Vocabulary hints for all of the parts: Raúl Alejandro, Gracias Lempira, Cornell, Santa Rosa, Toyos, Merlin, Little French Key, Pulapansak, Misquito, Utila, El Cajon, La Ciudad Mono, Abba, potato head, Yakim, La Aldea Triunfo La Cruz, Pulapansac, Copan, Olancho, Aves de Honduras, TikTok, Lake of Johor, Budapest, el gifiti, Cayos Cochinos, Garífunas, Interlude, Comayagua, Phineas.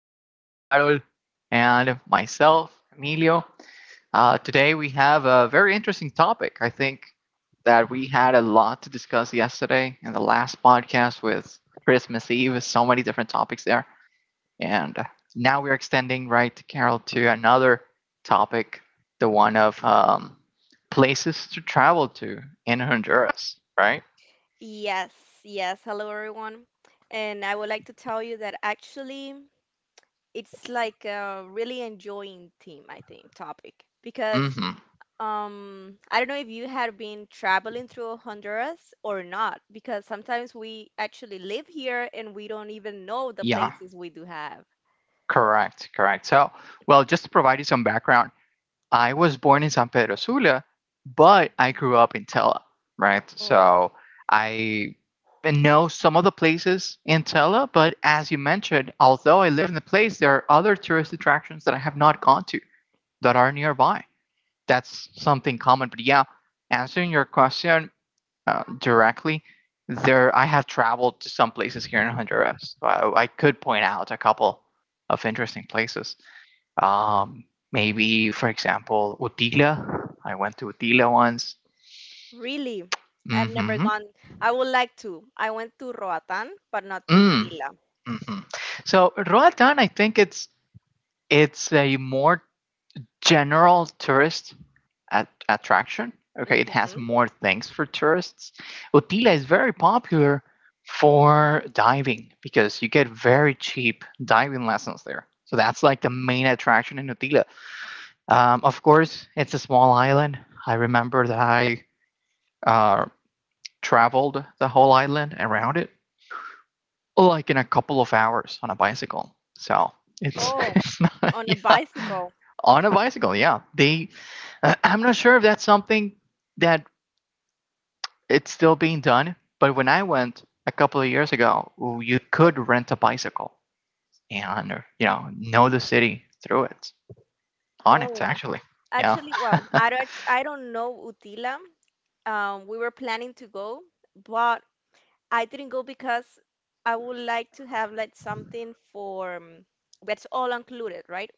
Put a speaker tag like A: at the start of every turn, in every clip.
A: with Carol and myself, Emilio. Today we have a very interesting topic. I think that we had a lot to discuss yesterday in the last podcast with Christmas Eve, so many different topics there. And now we're extending, right, Carol, to another topic, the one of places to travel to in Honduras, right?
B: Yes, yes. Hello, everyone. And I would like to tell you that actually it's like a really enjoying theme, I think, topic. Because
A: hmm
B: I don't know if you had been traveling through Honduras or not, because sometimes we actually live here and we don't even know the
A: Yeah.
B: places we do have.
A: Correct, correct. So, well, just to provide you some background, I was born in San Pedro Sula, but I grew up in Tela, right?
B: Oh,
A: So I know some of the places in Tela, but as you mentioned, although I live in the place, there are other tourist attractions that I have not gone to that are nearby. That's something common. But yeah, answering your question directly, there I have traveled to some places here in Honduras. So I could point out a couple of interesting places. Um, Maybe, for example, Utila. I went to Utila once.
B: really, I've never
A: Mm-hmm.
B: gone. I would like to. I went to Roatan, but not to
A: Mm,
B: Utila.
A: hmm So Roatan, I think it's a more general tourist attraction. Okay, it has
B: Hmm.
A: more things for tourists. Utila is very popular for diving because you get very cheap diving lessons there. So that's like the main attraction in Utila. Of course, it's a small island. I remember that I uh, traveled the whole island around it like in a couple of hours on a bicycle. So it's
B: Oh,
A: it's not
B: on a
A: yeah
B: bicycle.
A: on a bicycle. Yeah, they. I'm not sure if that's something that it's still being done, but when I went a couple of years ago, you could rent a bicycle and know the city through it on it
B: Oh,
A: actually. Yeah.
B: actually, well, I don't know Utila. We were planning to go, but I didn't go because I would like to have like something for that's all included, right?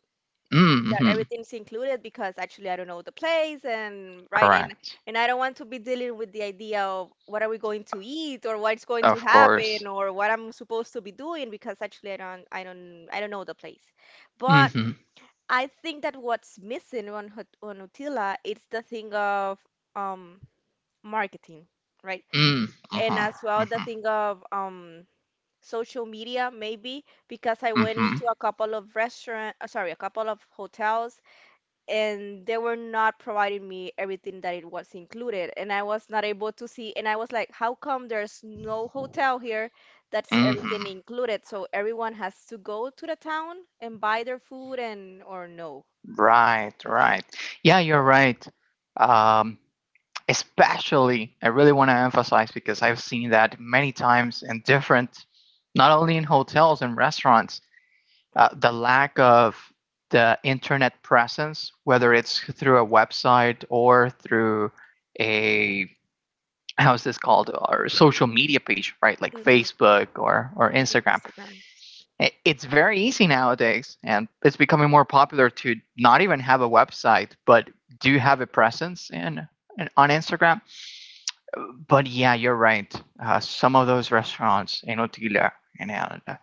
B: That
A: Mm-hmm.
B: everything's included because actually I don't know the place and right
A: Correct.
B: and I don't want to be dealing with the idea of what are we going to eat or what's going to
A: Of course.
B: happen or what I'm supposed to be doing because actually I don't know the place. But
A: Mm-hmm.
B: I think that what's missing on Utila is the thing of um marketing, right? And
A: Mm-hmm.
B: as well the
A: Mm-hmm.
B: thing of social media maybe because I went
A: Mm-hmm.
B: into a couple of hotels and they were not providing me everything that it was included and I was not able to see and I was like, how come there's no hotel here that's
A: Mhm.
B: everything included? So everyone has to go to the town and buy their food and or no.
A: Right, right. Yeah, you're right. Um, Especially, I really want to emphasize because I've seen that many times in different, not only in hotels and restaurants, the lack of the internet presence, whether it's through a website or through a, how's this called, or social media page, right? Like
B: Mm-hmm.
A: Facebook or Instagram.
B: Instagram.
A: It's very easy nowadays, and it's becoming more popular to not even have a website, but do have a presence in on Instagram. But yeah, you're right. Some of those restaurants in Otila and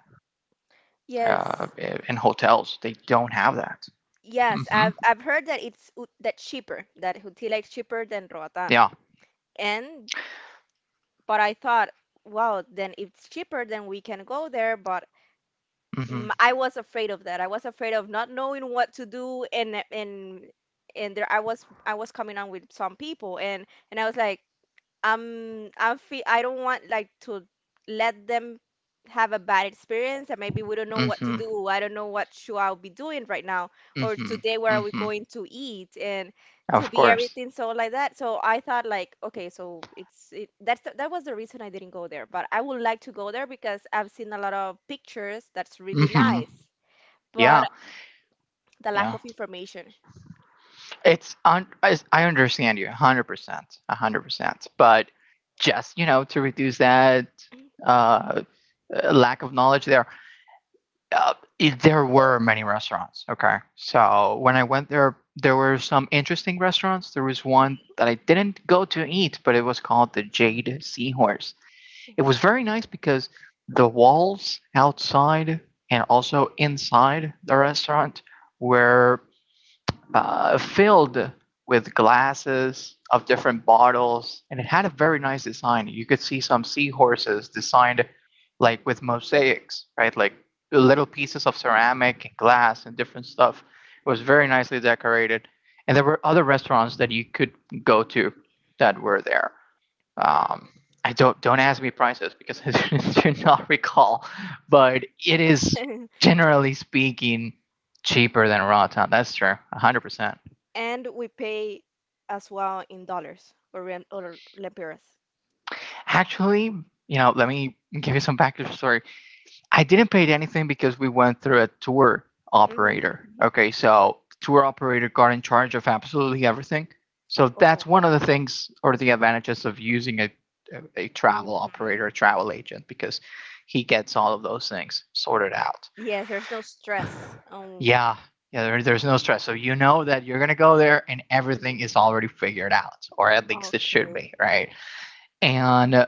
A: uh,
B: Yes,
A: in hotels, they don't have that.
B: yes,
A: hmm
B: I've heard that it's that cheaper, that Hutila is cheaper than Roatan.
A: Yeah.
B: And but I thought, wow, then if it's cheaper, then we can go there. But
A: hmm
B: I was afraid of that. I was afraid of not knowing what to do, and and there I was coming on with some people, and I was like. I feel I don't want like to let them have a bad experience and maybe we don't know what to
A: hmm
B: do. I don't know what should I be doing right now or
A: hmm
B: today where are we
A: hmm
B: going to eat and to
A: Of
B: be
A: course.
B: everything so like that. So I thought like okay, so it's it, that's the, that was the reason I didn't go there, but I would like to go there because I've seen a lot of pictures that's really
A: hmm
B: nice, but
A: Yeah.
B: the lack
A: Yeah.
B: of information.
A: It's I understand you 100%, 100%. But just, you know, to reduce that uh, lack of knowledge there, there were many restaurants. Okay. So when I went there, there were some interesting restaurants. There was one that I didn't go to eat, but it was called the Jade Seahorse. It
B: Mhm.
A: was very nice because the walls outside and also inside the restaurant were filled with glasses of different bottles, and it had a very nice design. You could see some seahorses designed like with mosaics, right? Like little pieces of ceramic and glass and different stuff. It was very nicely decorated, and there were other restaurants that you could go to that were there. Um, I don't ask me prices because I do not recall, but it is generally speaking cheaper than Raw Town. That's true, 100%.
B: And we pay as well in dollars or lempiras.
A: Actually, you know, let me give you some background story. I didn't pay anything because we went through a tour operator.
B: Mhm.
A: Okay, so tour operator got in charge of absolutely everything. So
B: Oh.
A: that's one of the things or the advantages of using a travel
B: Mm-hmm.
A: operator, a travel agent, because he gets all of those things sorted out.
B: Yes, there's no stress.
A: Yeah, yeah, there's no stress. So you know that you're gonna go there and everything is already figured out, or at least it should
B: Okay.
A: be, right? And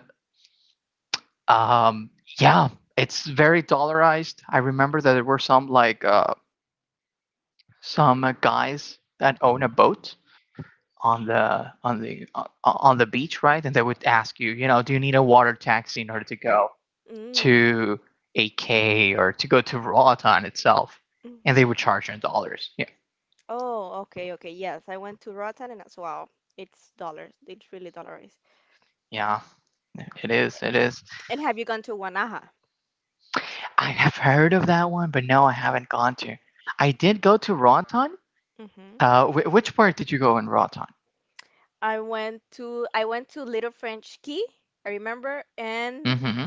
A: Um, yeah, it's very dollarized. I remember that there were some like some guys that own a boat on the on the on the beach, right? And they would ask you, you know, do you need a water taxi in order to go
B: Mm.
A: to AK or to go to Roatan itself? And
B: Mm-hmm.
A: they would charge you in dollars. Yeah,
B: Oh, okay, okay. Yes, I went to Roatan and as well. It's dollars. It's really dollarized.
A: yeah, it is. It is.
B: And have you gone to Wanaja?
A: I have heard of that one, but no, I haven't gone to. I did go to Roatan.
B: Mm-hmm.
A: Which part did you go in Roatan?
B: I went to Little French Key, I remember, and
A: hmm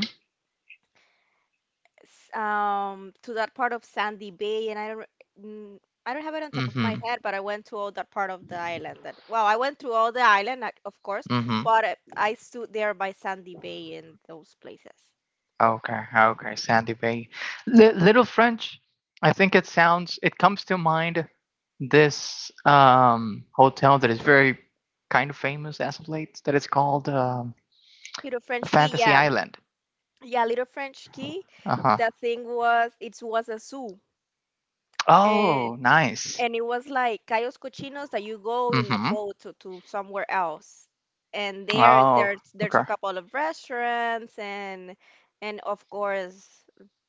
B: to that part of Sandy Bay, and I don't mm, I don't have it on top of my
A: Mm-hmm.
B: head, but I went to all that part of the island. That well, I went through all the island, like, of course,
A: Mm-hmm.
B: but I stood there by Sandy Bay and those places.
A: Okay. Okay. Sandy Bay. Little French. I think it sounds. It comes to mind this hotel that is very kind of famous as of late. That it's called
B: Little French Key,
A: Fantasy
B: yeah,
A: Island.
B: yeah, Little French Key.
A: Uh huh.
B: The thing was, it was a zoo, and
A: Oh, nice.
B: it was like Cayos Cochinos that you go in a
A: Mm-hmm.
B: boat to somewhere else. And there
A: Oh.
B: there's there's a
A: Okay.
B: couple of restaurants and of course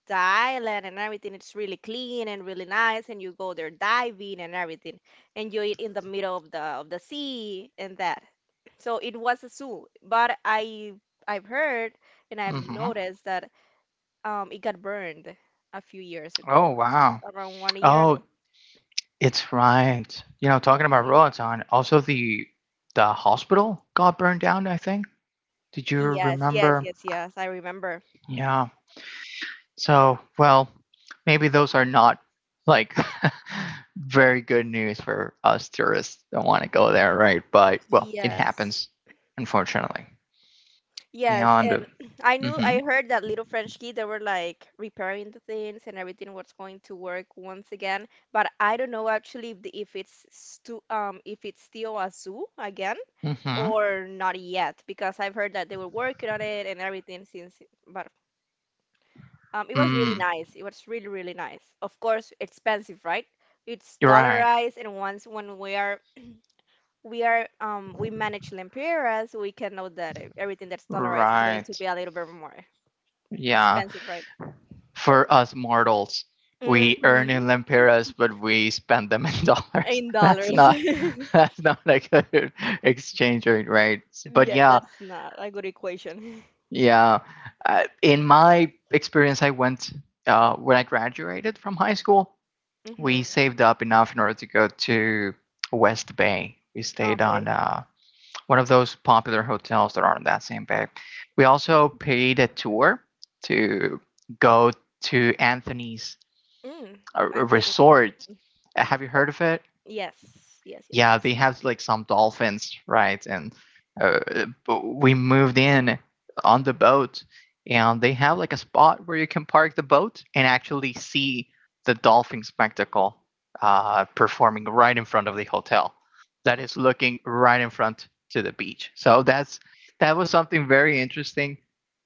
B: the island and everything. It's really clean and really nice and you go there diving and everything. And you eat in the middle of the sea and that. So it was a zoo. But I've heard and I've
A: Mm-hmm.
B: noticed that it got burned a few years ago.
A: Oh wow.
B: Around one year ago.
A: Oh, it's right. You know, talking about
B: Mm-hmm.
A: Roatan, also the hospital got burned down. I think. Did you
B: Yes, yes,
A: remember?
B: yes, yes. I remember.
A: Yeah. So, well, maybe those are not like very good news for us tourists that want to go there, right? But well, it
B: Yes.
A: happens, unfortunately.
B: Yes, and
A: Beyond.
B: I knew I
A: Mhm.
B: heard that Little French Kid they were like repairing the things and everything was going to work once again, but I don't know actually if it's stu if it's still a zoo again
A: Mhm.
B: or not yet because I've heard that they were working on it and everything since but it was really
A: Mm.
B: nice. It was really nice. Of course, expensive, right? It's
A: You're right.
B: dollarized and once when we manage lempiras, we can know that everything that's dollarized is going to
A: Right.
B: be a little bit more
A: Yeah.
B: expensive, right?
A: For us mortals, we earn
B: Mm-hmm.
A: in lempiras, but we spend them in dollars.
B: In
A: That's
B: dollars.
A: not. That's not a good exchange rate, right? But
B: Yeah,
A: yeah,
B: that's not a good equation.
A: yeah. In my experience, I went when I graduated from high school. We
B: Mm-hmm.
A: saved up enough in order to go to West Bay. We stayed on
B: Okay.
A: one of those popular hotels that are on that same bay. We also paid a tour to go to Anthony's
B: Mm. I think
A: resort. Have you heard of it?
B: yes, yes, yes,
A: Yeah,
B: yes.
A: they have like some dolphins, right? And uh, we moved in on the boat, and they have like a spot where you can park the boat and actually see the dolphin spectacle performing right in front of the hotel. That is looking right in front to the beach. So that's that was something very interesting,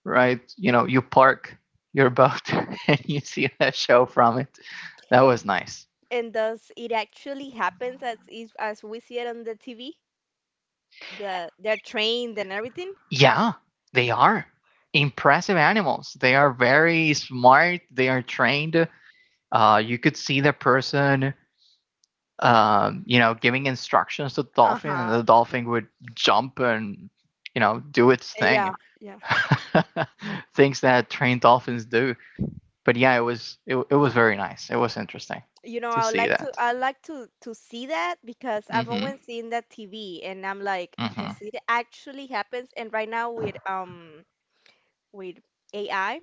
A: right? You know, you park your boat and you see that show from it. That was nice.
B: And does it actually happens as we see it on the TV? They're trained and everything?
A: Yeah, they are impressive animals. They are very smart. They are trained. You could see the person, you know, giving instructions to the dolphin, and
B: Uh-huh.
A: the dolphin would jump and, you know, do its
B: Yeah,
A: thing.
B: yeah.
A: Things that trained dolphins do. But yeah, it it was very nice. It was interesting
B: You know,
A: to
B: I would
A: see
B: like to
A: that.
B: to see that because I've
A: Mm-hmm.
B: always seen that TV and I'm like, does
A: Mm-hmm.
B: it actually happens? And right now with with AI, I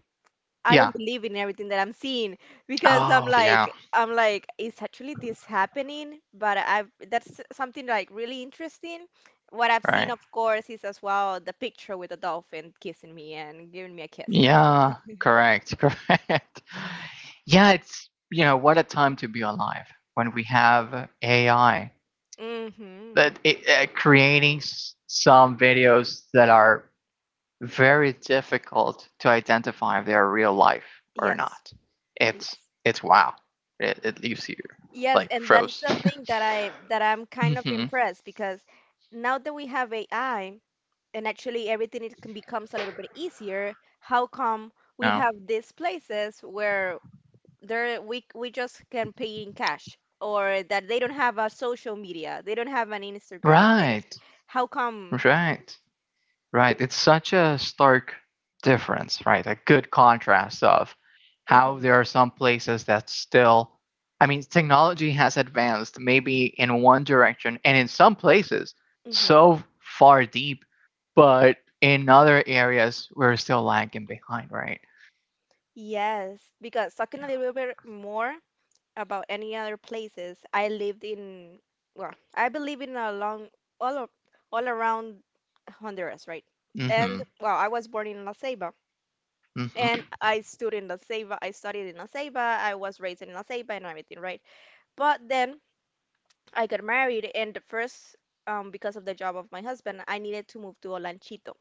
B: I
A: Yeah.
B: don't believe in everything that I'm seeing because I'm
A: Oh,
B: like
A: yeah.
B: is actually this happening? But I've that's something like really interesting. What I've seen,
A: Right.
B: of course, is as well the picture with the dolphin kissing me and giving me a kiss, right?
A: Yeah, correct, correct. Yeah, it's, you know, what a time to be alive when we have AI
B: Mm-hmm.
A: that creating some videos that are very difficult to identify if they are real life or
B: Yes.
A: not. It's
B: Yes.
A: it's wow. It leaves you
B: Yes,
A: like
B: and that is
A: froze.
B: the thing that I that I'm kind of
A: hmm
B: impressed because now that we have AI and actually everything it can becomes a little bit easier, how come we
A: Oh,
B: have these places where there we just can pay in cash or that they don't have a social media, they don't have an Instagram, they don't
A: right,
B: how come?
A: right. Right. It's such a stark difference, right? A good contrast of how there
B: hmm
A: are some places that still, I mean, technology has advanced maybe in one direction and in some places
B: hmm
A: so far deep, but in other areas we're still lagging behind, right?
B: Yes, because talking a little bit more about any other places. I lived in, well, I believe in a long, all, all around Honduras, right?
A: Yeah. Mm-hmm.
B: And, well, I was born in La Ceiba.
A: Mm-hmm.
B: And I stood in La Ceiba. I studied in La Ceiba. I was raised in La Ceiba and everything, right? But then I got married, and the first, because of the job of my husband, I needed to move to Olanchito.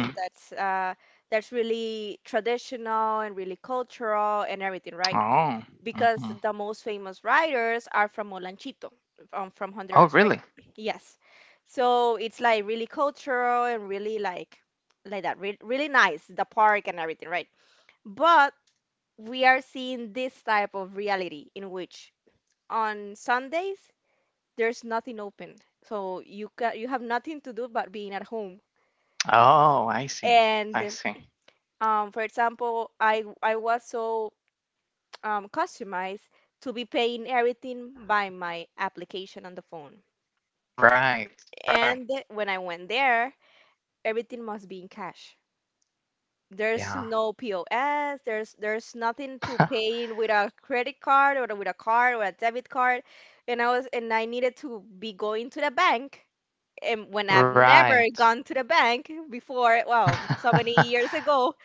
B: And that's really traditional and really cultural and everything, right?
A: Oh.
B: Because
A: Mm-hmm.
B: the most famous writers are from Olanchito, from
A: Oh,
B: Honduras, right?
A: really?
B: Yes. So it's like really cultural and really like that, re really nice, the park and everything, right? But we are seeing this type of reality in which on Sundays there's nothing open. So you ca you have nothing to do but being at home.
A: Oh, I see. I
B: And
A: see.
B: for example, I was so customized to be paying everything by my application on the phone.
A: Right.
B: And
A: Right.
B: when I went there, everything must be in cash. There's
A: Yeah.
B: no POS, there's nothing to pay with a credit card or with a card or a debit card. And I was and I needed to be going to the bank. And when I've never
A: right.
B: gone to the bank before, well, so many years ago,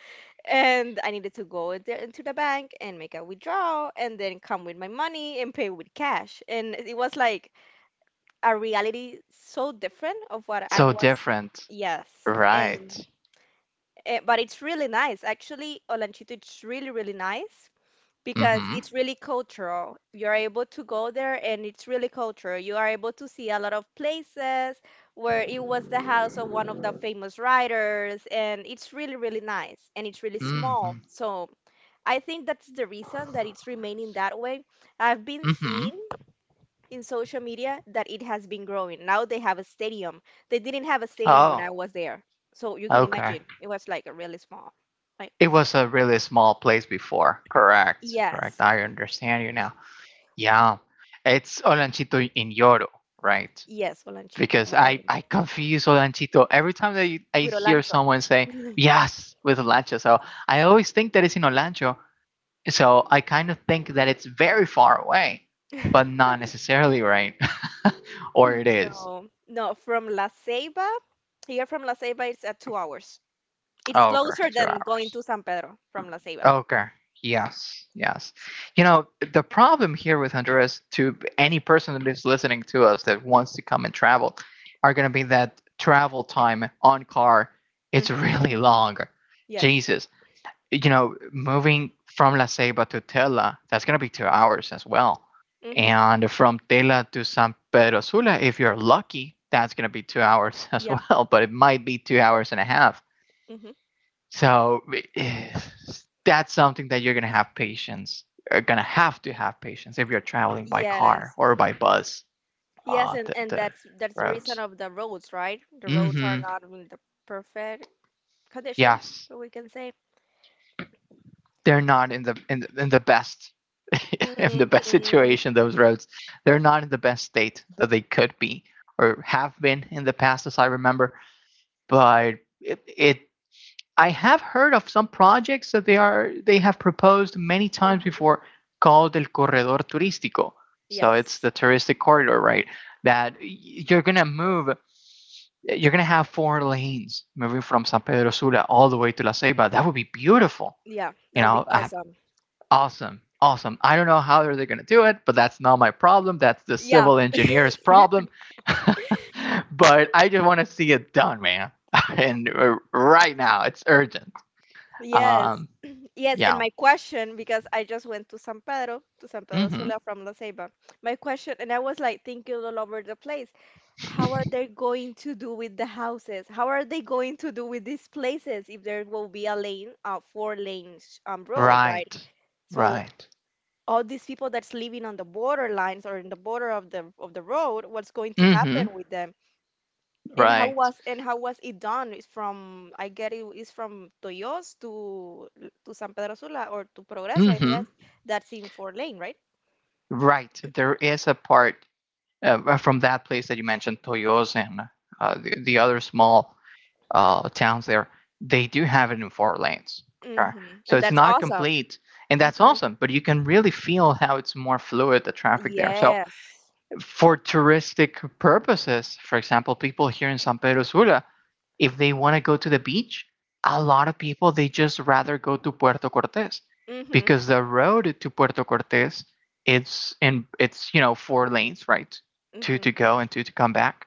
B: and I needed to go into the bank and make a withdrawal and then come with my money and pay with cash. And it was like a reality so different of what I
A: so
B: was.
A: different.
B: Yes. And,
A: Right.
B: but it's really nice. Actually, Olanchito, it's really, really nice because
A: Mm-hmm.
B: it's really cultural. You're able to go there and it's really cultural. You are able to see a lot of places where it was the house of one of the famous writers and it's really, really nice and it's really
A: Mm-hmm.
B: small. So I think that's the reason that it's remaining that way. I've been
A: Mm-hmm.
B: seeing in social media that it has been growing. Now they have a stadium. They didn't have a stadium when
A: Oh,
B: I was there. So you can
A: okay.
B: imagine, it was like a really small. Like,
A: It was a really small place before. Correct. Correct.
B: yes,
A: I understand you now. Yeah. It's Olanchito in Yoro, right?
B: yes, Olanchito
A: Because
B: y
A: I,
B: Oro.
A: I confuse Olanchito every time that I
B: With
A: hear
B: Olancho.
A: someone say yes with Olancho. So I always think that it's in Olancho. So I kind of think that it's very far away, but not necessarily right. or it is.
B: No, no, from La Ceiba, here from La Ceiba, it's at 2 hours. It's
A: Oh, okay,
B: closer
A: two
B: than going
A: hours.
B: to San Pedro from La Ceiba.
A: Okay, yes, yes. You know, the problem here with Honduras, to any person that is listening to us that wants to come and travel, are going to be that travel time on car. It's
B: Hmm.
A: really long.
B: Yes.
A: Jesus, you know, moving from La Ceiba to Tela, that's going to be 2 hours as well.
B: Hmm.
A: And from Tela to San Pedro Sula, if you're lucky, that's going to be 2 hours as
B: Yeah.
A: well, but it might be 2 hours and a half
B: Hmm.
A: so that's something that you're gonna have patience. You're gonna have to have patience if you're traveling by car
B: Yes.
A: or by bus.
B: Yes,
A: Uh, the
B: and
A: the
B: that's the reason
A: roads.
B: of the roads, right? The roads are
A: hmm
B: not in the perfect condition,
A: Yes,
B: so we can say.
A: they're not in in the best in the best
B: Hmm.
A: situation. Those roads, they're not in the best state that they could be or have been in the past, as I remember. But it I have heard of some projects that they have proposed many times
B: Hmm.
A: before called el corredor turístico. So it's
B: Yes.
A: the touristic corridor, right? That you're gonna move, you're gonna have 4 lanes moving from San Pedro Sula all the way to La Ceiba. That would be beautiful,
B: Yeah,
A: you
B: that would
A: know.
B: be awesome.
A: Awesome, awesome. I don't know how they're gonna do it, but that's not my problem. That's the
B: Yeah.
A: civil engineer's problem. But I just want to see it done, man, and right now it's urgent.
B: Yes.
A: Um,
B: Yes, and
A: yeah.
B: my question, because I just went to San Pedro
A: Mm-hmm.
B: Sula from La Ceiba. My question, and I was like thinking all over the place, how are they going to do with the houses? How are they going to do with these places if there will be a lane, a four lanes road, right?
A: Right.
B: So
A: Right.
B: all these people that's living on the borderlines or in the border of the road, what's going to happen
A: Mm-hmm.
B: with them? And
A: Right.
B: how was it done? It's from I get it is from Toyos to San Pedro Sula or to Progreso. I
A: Mm-hmm.
B: guess that's in four-lane, right?
A: Right. There is a part from that place that you mentioned, Toyos, and the other small towns there. They do have it in four lanes. Okay.
B: Mm-hmm.
A: So
B: And
A: it's
B: that's
A: not
B: awesome.
A: complete, and that's
B: Mm-hmm.
A: awesome. But you can really feel how it's more fluid, the traffic there. So
B: Yes.
A: for touristic purposes, for example, people here in San Pedro Sula, if they want to go to the beach, a lot of people, they just rather go to Puerto Cortes
B: Mm-hmm.
A: because the road to Puerto Cortes, it's four lanes, right? Two to
B: Mm-hmm.
A: go and two to come back,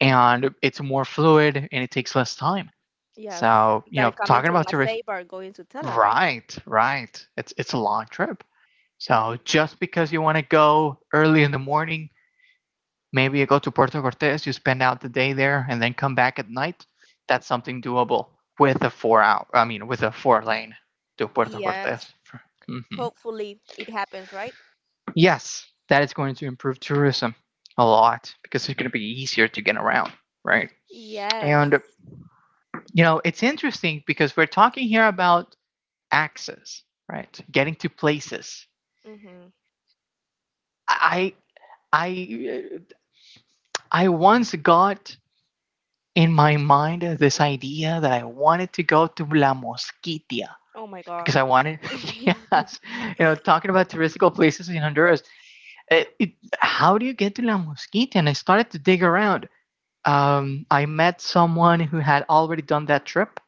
A: and it's more fluid and it takes less time.
B: Yes.
A: So,
B: That coming
A: talking
B: to
A: about
B: La
A: tourists,
B: Ceiba or going to Tela, right?
A: right, right. It's a long trip. So
B: Mm-hmm.
A: just because you want to go early in the morning, maybe you go to Puerto Cortes, you spend out the day there, and then come back at night. That's something doable with a 4 hour, I mean, with a four lane to Puerto
B: Yes.
A: Cortes. hmm
B: Hopefully it happens, right?
A: Yes, that is going to improve tourism a lot because it's going to be easier to get around, right? And,
B: Yes.
A: it's interesting because we're talking here about access, right? Getting to places.
B: Mm-hmm.
A: I, I, I once got in my mind this idea that I wanted to go to La Mosquitia
B: Oh my
A: because
B: God.
A: I wanted, yes, talking about touristical places in Honduras. It, it, how do you get to La Mosquitia? And I started to dig around. I met someone who had already done that trip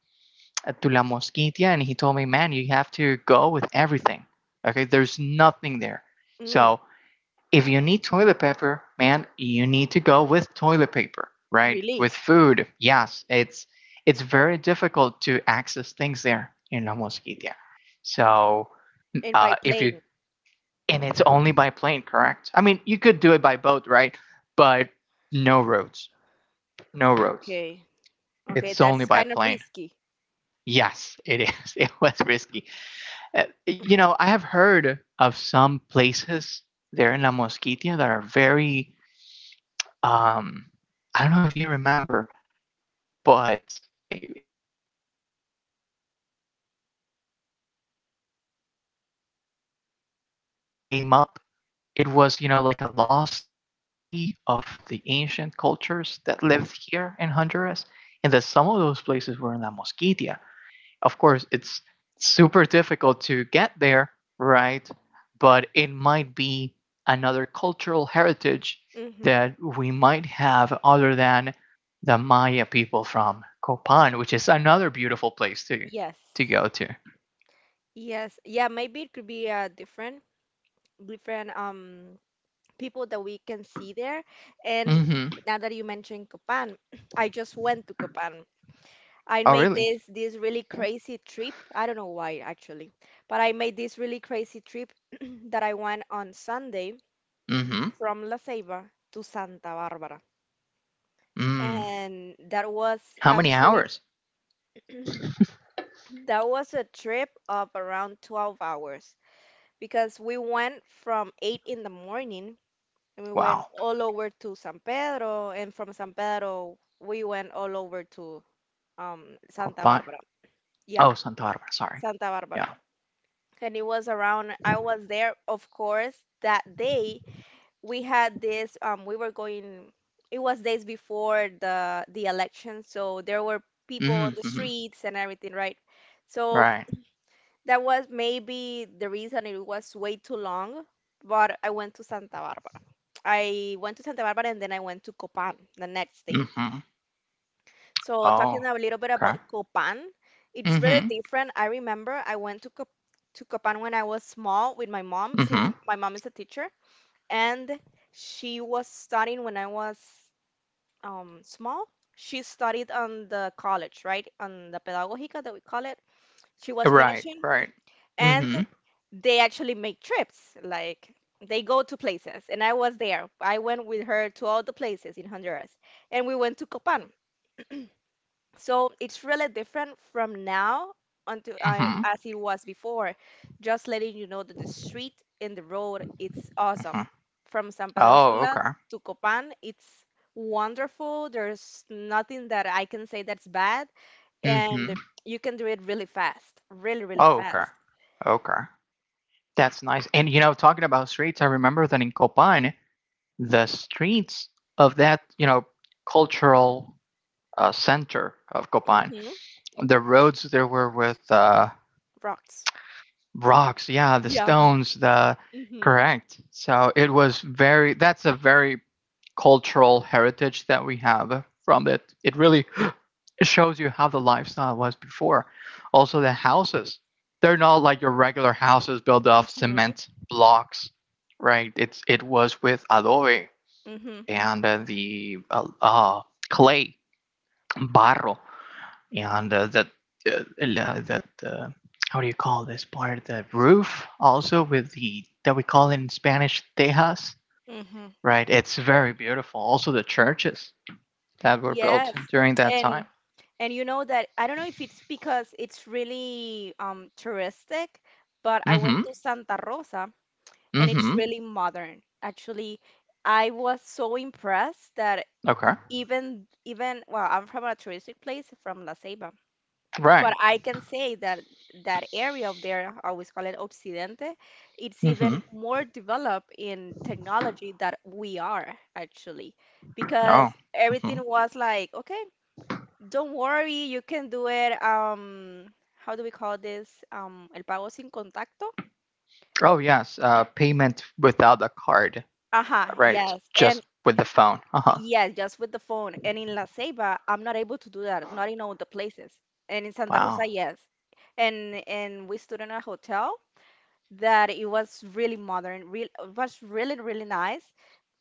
A: to La Mosquitia, and he told me, "Man, you have to go with everything. Okay, there's nothing there."
B: Mm,
A: So if you need toilet paper, man, you need to go with toilet paper, right?
B: really?
A: With food, yes, it's very difficult to access things there in La Mosquitia. So
B: And by
A: if you
B: plane.
A: and it's only by plane, correct? I mean, you could do it by boat, right? But no roads, no roads.
B: Okay. Okay,
A: It's only
B: that's
A: by
B: kind of
A: plane.
B: risky.
A: Yes, it is. It was risky. I have heard of some places there in La Mosquitia that are very. Um, I don't know if you remember, but in, on the news, things like La Ciudad Mono, or La Ciudad Blanca came up. It was, like a lost city of the ancient cultures that lived here in Honduras, and that some of those places were in La Mosquitia. Of course, it's super difficult to get there, right? But it might be another cultural heritage
B: Mm-hmm.
A: that we might have other than the Maya people from Copan, which is another beautiful place to
B: Yes.
A: go to.
B: Yes. Yeah, maybe it could be different different people that we can see there. And
A: Hmm.
B: now that you mentioned Copan, I just went to Copan. I
A: Oh,
B: made
A: really?
B: this really crazy trip. I don't know why actually, but I made this really crazy trip that I went on Sunday
A: Hmm.
B: from La Ceiba to Santa Barbara.
A: Mm.
B: And that was
A: How
B: a
A: many
B: trip
A: hours?
B: That was a trip of around 12 hours because we went from 8 in the morning, and we went
A: Wow.
B: all over to San Pedro, and from San Pedro, we went all over to Santa
A: Copan.
B: Barbara. Yeah,
A: Oh, Santa Barbara. Sorry.
B: Santa Barbara.
A: Yeah.
B: And it was around, I was there, of course, that day. We had this, it was days before the election, so there were people on the
A: Hmm.
B: streets and everything, right? So
A: Right.
B: that was maybe the reason it was way too long, but I went to Santa Barbara. I went to Santa Barbara and then I went to Copan the next day.
A: Hmm.
B: So talking
A: Oh.
B: a little bit about
A: Okay.
B: Copan, it's really
A: Hmm.
B: different. I remember I went to Cop to Copan when I was small with my mom, since
A: Hmm.
B: my mom is a teacher, and she was studying when I was small. She studied on the college, right? On the Pedagogica that we call it. She was
A: Right,
B: finishing,
A: right.
B: and
A: Mhm,
B: they actually make trips like they go to places, and I was there. I went with her to all the places in Honduras, and we went to Copan. So it's really different from now until
A: mhm,
B: as it was before. Just letting you know that the street and the road, it's awesome
A: mhm.
B: from San Pedro
A: Oh,
B: Sula
A: okay.
B: to Copan. It's wonderful. There's nothing that I can say that's bad,
A: Mhm.
B: and you can do it really fast, really
A: Oh, okay.
B: fast.
A: Okay. That's nice, and, talking about streets, I remember that in Copan, the streets of that, cultural, center of Copan,
B: Hmm.
A: the roads there were with,
B: Rocks.
A: rocks, yeah, the
B: Yeah.
A: stones, the
B: Hmm.
A: correct. So it was very that's a very cultural heritage that we have from it. It really, it shows you how the lifestyle was before. Also, the houses, they're not like your regular houses built off
B: Mhm,
A: cement blocks, right? It was with adobe
B: mhm,
A: and the clay, barro, and the how do you call this part? The roof, also with the, that we call in Spanish, tejas,
B: mhm.
A: right? It's very beautiful. Also, the churches that were built
B: Yes.
A: during that time.
B: And and you know that I don't know if it's because it's really touristic, but I
A: Mm hmm.
B: went to Santa Rosa, and
A: Mm
B: it's
A: hmm.
B: really modern. Actually, I was so impressed that
A: Okay.
B: even well, I'm from a touristic place, from La Ceiba. But
A: Right.
B: I can say that that area of there, I always call it Occidente, it's
A: Mm-hmm.
B: even more developed in technology that we are actually,
A: Oh.
B: because
A: Hmm.
B: everything was like, okay, don't worry, you can do it. How do we call this? El pago sin contacto.
A: Oh, yes. Payment without a card.
B: Aha,
A: Right.
B: yes. And
A: Just with the phone. Uh huh.
B: yes, just with the phone. And in La Ceiba, I'm not able to do that, not in all the places. And in Santa Rosa,
A: Wow.
B: yes. And we stood in a hotel that it was really modern, real it was really nice,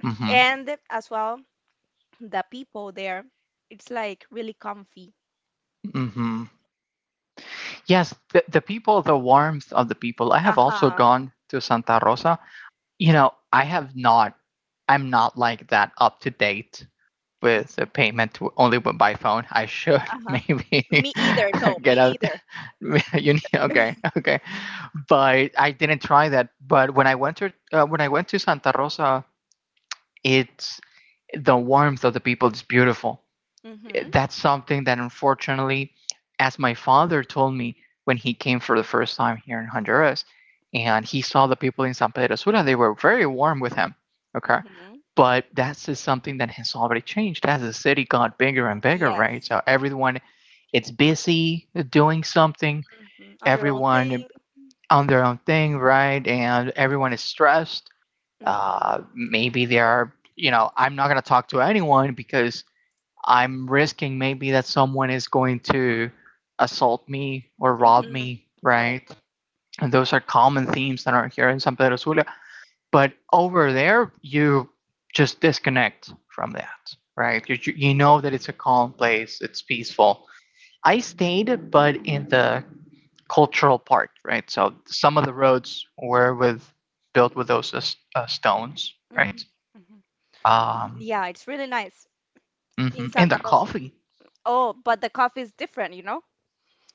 A: Mm-hmm.
B: and as well the people there, it's like really comfy.
A: Mm-hmm. Yes. The people, the warmth of the people. I
B: Uh
A: have also
B: huh.
A: gone to Santa Rosa. I have not. I'm not like that up to date
B: Uh
A: with the payment only with, by phone. I should
B: huh.
A: maybe
B: Me either. No,
A: get
B: me
A: out.
B: either.
A: You need, okay, okay, but I didn't try that. But when I went to Santa Rosa, it's the warmth of the people is beautiful.
B: Mhm.
A: That's something that, unfortunately, as my father told me when he came for the first time here in Honduras, and he saw the people in San Pedro Sula, they were very warm with him. Okay.
B: Mhm.
A: But that's just something that has already changed as the city got bigger and bigger, right?
B: Yes.
A: So everyone, it's busy doing something,
B: Mhm. On their own
A: everyone
B: thing.
A: on their own thing, right? And everyone is stressed.
B: Mhm.
A: Maybe they are, I'm not going to talk to anyone because I'm risking maybe that someone is going to assault me or rob
B: Mhm.
A: me,
B: Correct.
A: right? And those are common themes that are here in San Pedro Sula. But over there, you just disconnect from that, right? You know that it's a calm place, it's peaceful. I stayed, but in the cultural part, right? So some of the roads were with built with those stones, right?
B: Mhm. Mhm. Mhm.
A: Um,
B: Yeah, it's really nice in
A: mhm. And
B: Santa
A: the
B: Rosa.
A: coffee.
B: Oh, but the coffee is different, you know?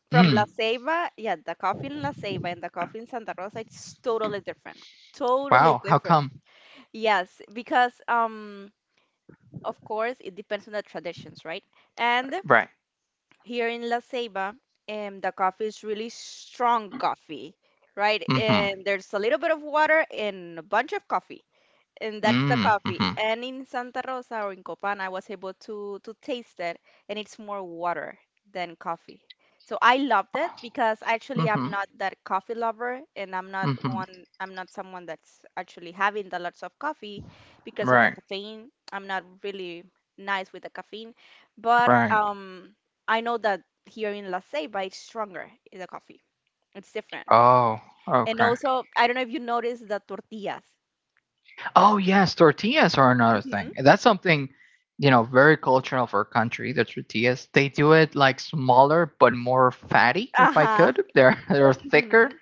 B: From La
A: Mm,
B: Ceiba, yeah, the coffee in La Ceiba and the coffee in Santa Rosa, it's totally different. Totally
A: wow, how
B: different.
A: come?
B: Yes, because of course, it depends on the traditions, right? And
A: Right.
B: here in La Ceiba, the coffee is really strong coffee, right?
A: Mm-hmm.
B: And there's a little bit of water and a bunch of coffee, and that's the
A: Mm, hmm
B: coffee.
A: mm.
B: And in Santa Rosa or in Copan, I was able to taste it, and it's more water than coffee. So I loved it because actually I'm
A: Mm-hmm.
B: not that coffee lover, and I'm not
A: Mm-hmm.
B: one. I'm not someone that's actually having the lots of coffee because of the
A: Right.
B: caffeine. I'm not really nice with the caffeine, but
A: Right.
B: I know that here in La Ceiba, it's stronger in the coffee. It's different.
A: Oh,
B: And
A: okay.
B: also, I don't know if you noticed the tortillas.
A: Oh, yes, tortillas are another thing.
B: Mm-hmm.
A: That's something, very cultural for our country. The tortillas, they do it like smaller but more fatty. If I
B: Uh-huh.
A: could, they're they're thicker.
B: Mhm.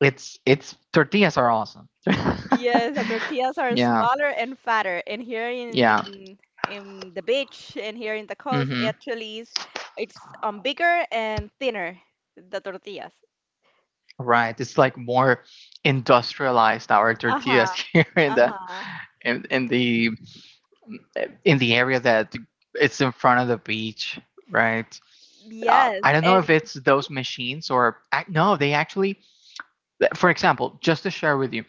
A: It's tortillas are awesome.
B: Yes, the tortillas are
A: Yeah,
B: smaller and fatter, and here in
A: yeah.
B: in in the beach and here in the coast, it
A: Hmm.
B: actually is it's bigger and thinner, the tortillas.
A: Right. It's like more industrialized, our
B: Uh-huh,
A: tortillas, here
B: uh-huh.
A: in, in the in the area that it's in front of the beach, right? I
B: Yes,
A: don't know
B: and
A: if it's those machines or no, they actually. For example, just to share with you,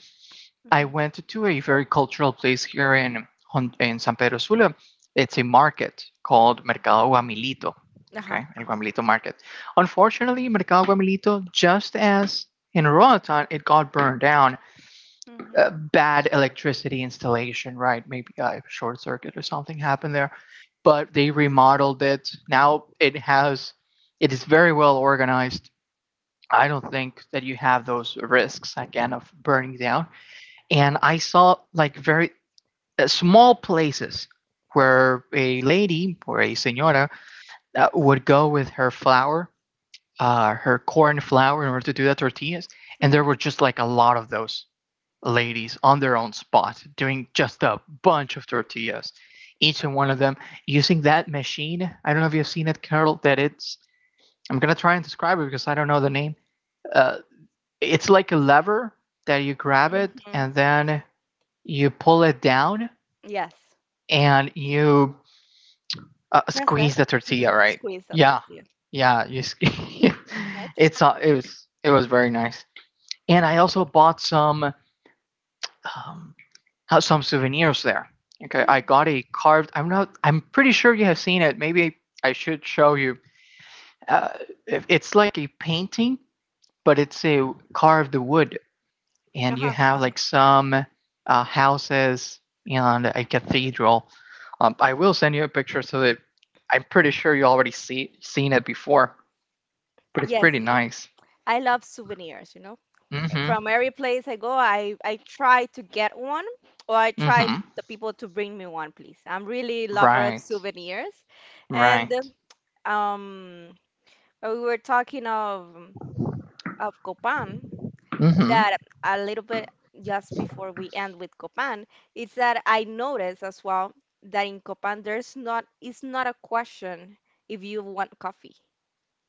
A: I
B: Mhm,
A: went to a very cultural place here in San Pedro Sula. It's a market called
B: mhm.
A: Mercado Guamilito.
B: Uh-huh,
A: Okay, El
B: uh-huh.
A: Guamilito Market. Unfortunately, Mercado Guamilito, just as in Roatan, it got burned down,
B: Mhm,
A: bad electricity installation, right? Maybe a short circuit or something happened there. But they remodeled it. Now it is very well organized. I don't think that you have those risks again of burning down. And I saw like very small places where a lady or a senora would go with her flour, her corn flour, in order to do the tortillas. And there
B: mhm,
A: were just like a lot of those ladies on their own spot doing just a bunch of tortillas, each and one of them using that machine. I don't know if you've seen it, Carol, I'm going to try and describe it because I don't know the name. Uh, it's like a lever that you grab it
B: mhm.
A: and then you pull it down
B: Yes.
A: and you
B: Press it.
A: squeeze the
B: Mhm.
A: tortilla, right?
B: Squeeze that
A: Yeah.
B: tortilla.
A: Yeah.
B: Touch.
A: It it was very nice. And I also bought um, some souvenirs there. Okay, I
B: Mm.
A: got a carved. I'm not. I'm pretty sure you have seen it. Maybe I should show you. Uh, it's like a painting, but it's a carved wood, and you
B: Uh-huh,
A: have
B: uh-huh.
A: like some houses and a cathedral. I will send you a picture so that I'm pretty sure you already seen it before, but it's
B: Yes,
A: pretty
B: y-
A: nice.
B: I love souvenirs, you know.
A: Mm-hmm.
B: From every place I go, I try to get one, or I try
A: Mm-hmm.
B: the people to bring me one, please. I'm really lover of
A: Right.
B: souvenirs. And
A: Right.
B: um, we were talking of Copan,
A: Mm-hmm.
B: that a little bit just before we end with Copan, is that I noticed as well that in Copan there's not, it's not a question if you want coffee.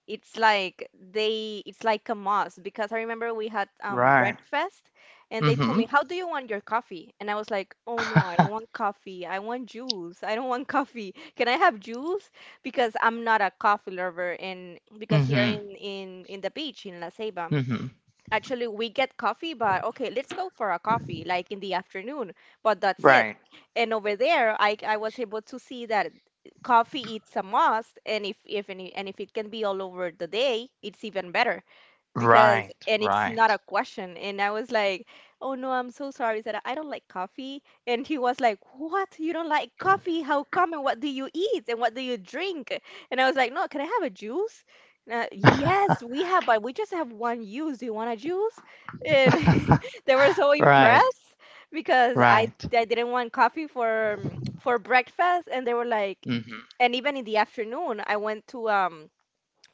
B: It's like they, it's like a must, because I remember we had
A: Right.
B: breakfast, and they told
A: Mm-hmm.
B: me, "How do you want your coffee?" And I was like, "Oh no, I don't want coffee. I want juice. I don't want coffee. Can I have juice?" Because I'm not a coffee lover, and because here
A: Mm-hmm.
B: in in the beach in La Ceiba,
A: Mm-hmm.
B: actually, we get coffee, but okay, let's go for a coffee, like in the afternoon. But that's it.
A: Right.
B: And over there, I was able to see that coffee, it's a must, and if any and if it can be all over the day, it's even better. Because
A: Right.
B: and it's not
A: Right.
B: a question, and I was like, oh no, I'm so sorry that I don't like coffee. And he was like, what, you don't like coffee, how come, and what do you eat and what do you drink? And I was like, no, can I have a juice? And, yes we have, but we just have one juice, do you want a juice? And they were so
A: Right.
B: impressed because
A: Right.
B: I didn't want coffee for breakfast, and they were like.
A: Mhm.
B: And even in the afternoon, I went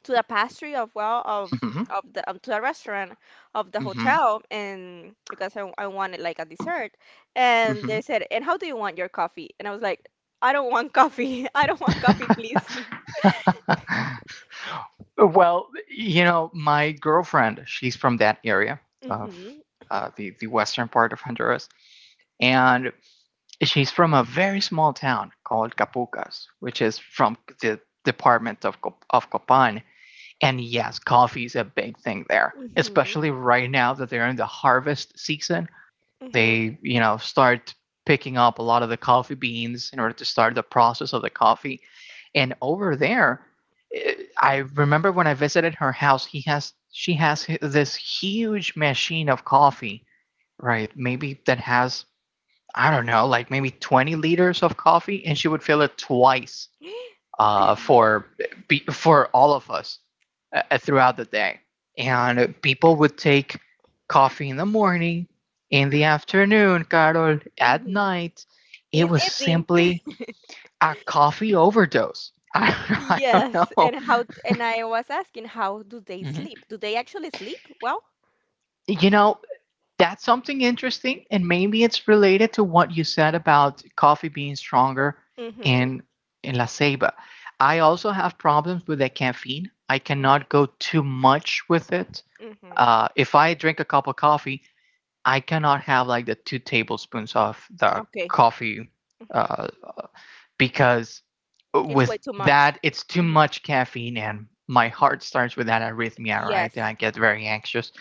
B: to the pastry of, well,
A: Mhm.
B: of the to the restaurant of the hotel, and because I wanted like a dessert, and they
A: Mhm.
B: said, and how do you want your coffee? And I was like, I don't want coffee I don't want coffee please.
A: Mhm. Well, my girlfriend, she's from that area of
B: Mhm.
A: the western part of Honduras, and she's from a very small town called Capucas, which is from the department of Copan. And yes, coffee is a big thing there,
B: Mhm.
A: especially right now that they're in the harvest season.
B: Mhm.
A: They, start picking up a lot of the coffee beans in order to start the process of the coffee. And over there, eh, I remember when I visited her house, he has she has this huge machine of coffee, right? Maybe that has I don't know, like maybe 20 liters of coffee, and she would fill it twice, uh, for for all of us, throughout the day. And people would take coffee in the morning, in the afternoon, Carol, at
B: Mhm.
A: night. It
B: In
A: was
B: evening.
A: simply a coffee overdose. I don't
B: Yes,
A: know.
B: and how, and I was asking, how do they
A: Mhm.
B: sleep, do they actually sleep well?
A: You know, That's something interesting, and maybe it's related to what you said about coffee being stronger
B: Mhm.
A: in in La Ceiba. I also have problems with the caffeine. I cannot
B: Mhm.
A: go too much with it.
B: Mhm.
A: If I drink a cup of coffee, I cannot have like the 2 tablespoons of the
B: Okay.
A: coffee,
B: Mhm.
A: uh, because
B: It's way
A: with
B: too much.
A: that it's too much caffeine, and my
B: Mhm.
A: heart starts with that arrhythmia, right? And
B: Yes.
A: I get very anxious.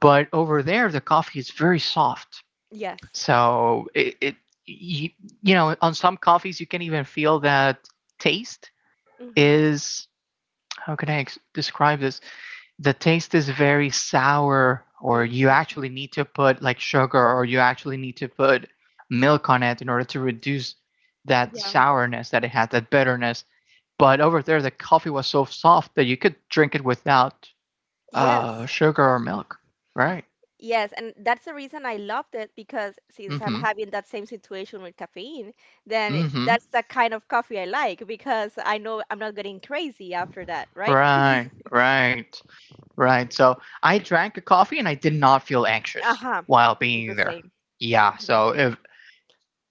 A: But over there, the coffee is very soft,
B: Yes.
A: so it you, you know, on some coffees you can even feel that taste
B: Mhm.
A: is how can I describe this? The taste is very sour, or you
B: Mm-hmm.
A: actually need to put like sugar, or you actually need to put milk on it in order to reduce that
B: Yeah.
A: sourness that it has, that bitterness. But over there, the coffee was so soft that you could drink it without
B: Yes.
A: sugar or milk. Right.
B: Yes. And that's the reason I loved it, because since
A: Mm
B: I'm
A: hmm.
B: having that same situation with caffeine, then
A: Mm
B: it-
A: hmm.
B: that's the kind of coffee I like, because I know I'm not getting crazy after that, right?
A: Right. Right. Right. So I drank a coffee and I did not feel anxious
B: Uh-huh.
A: while
B: It's the
A: being there.
B: same.
A: Yeah.
B: Hmm.
A: So if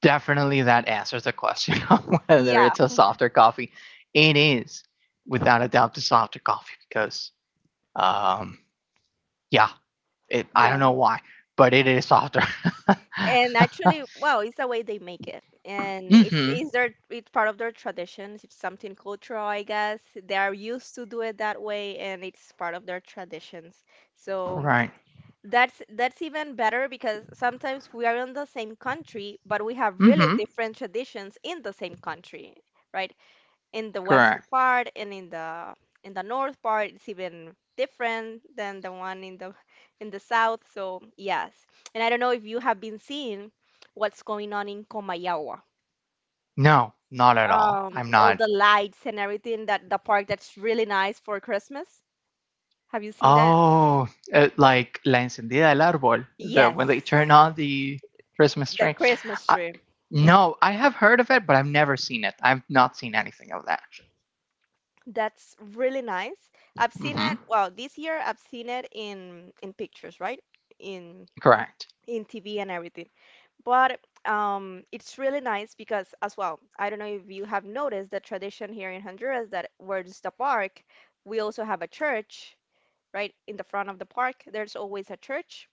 A: definitely that answers the question of whether
B: Yeah.
A: it's a softer coffee. It is without a doubt the softer coffee because um yeah, it I
B: Yeah.
A: don't know why, but it is softer.
B: And actually, wow, it's the way they make it. And it's
A: Mhm.
B: it's their it's part of their traditions. It's something cultural, I guess. They are used to do it that way, and it's part of their traditions. So
A: Right.
B: that's even better because sometimes we are in the same country, but we have really
A: Mhm.
B: different traditions in the same country, right? In the western
A: Correct.
B: part and in the north part, it's even different than the one in the south. So yes, and I don't know if you have been seeing what's going on in Comayagua.
A: No, not at all. I'm
B: All
A: not.
B: the lights and everything, that the park that's really nice for Christmas. Have you seen that?
A: Oh, like La Encendida del Árbol, the
B: Yes,
A: when they turn on the Christmas
B: the
A: tree.
B: Christmas tree.
A: No, I have heard of it, but I've never seen it. I've not seen anything of that.
B: That's really nice. I've seen
A: Hmm
B: it, well, this year I've seen it in pictures, right? In
A: Correct.
B: TV and everything. But it's really nice because as well, I don't know if you have noticed the tradition here in Honduras, that where's the park, we also have a church, right? In the front of the park, there's always a church.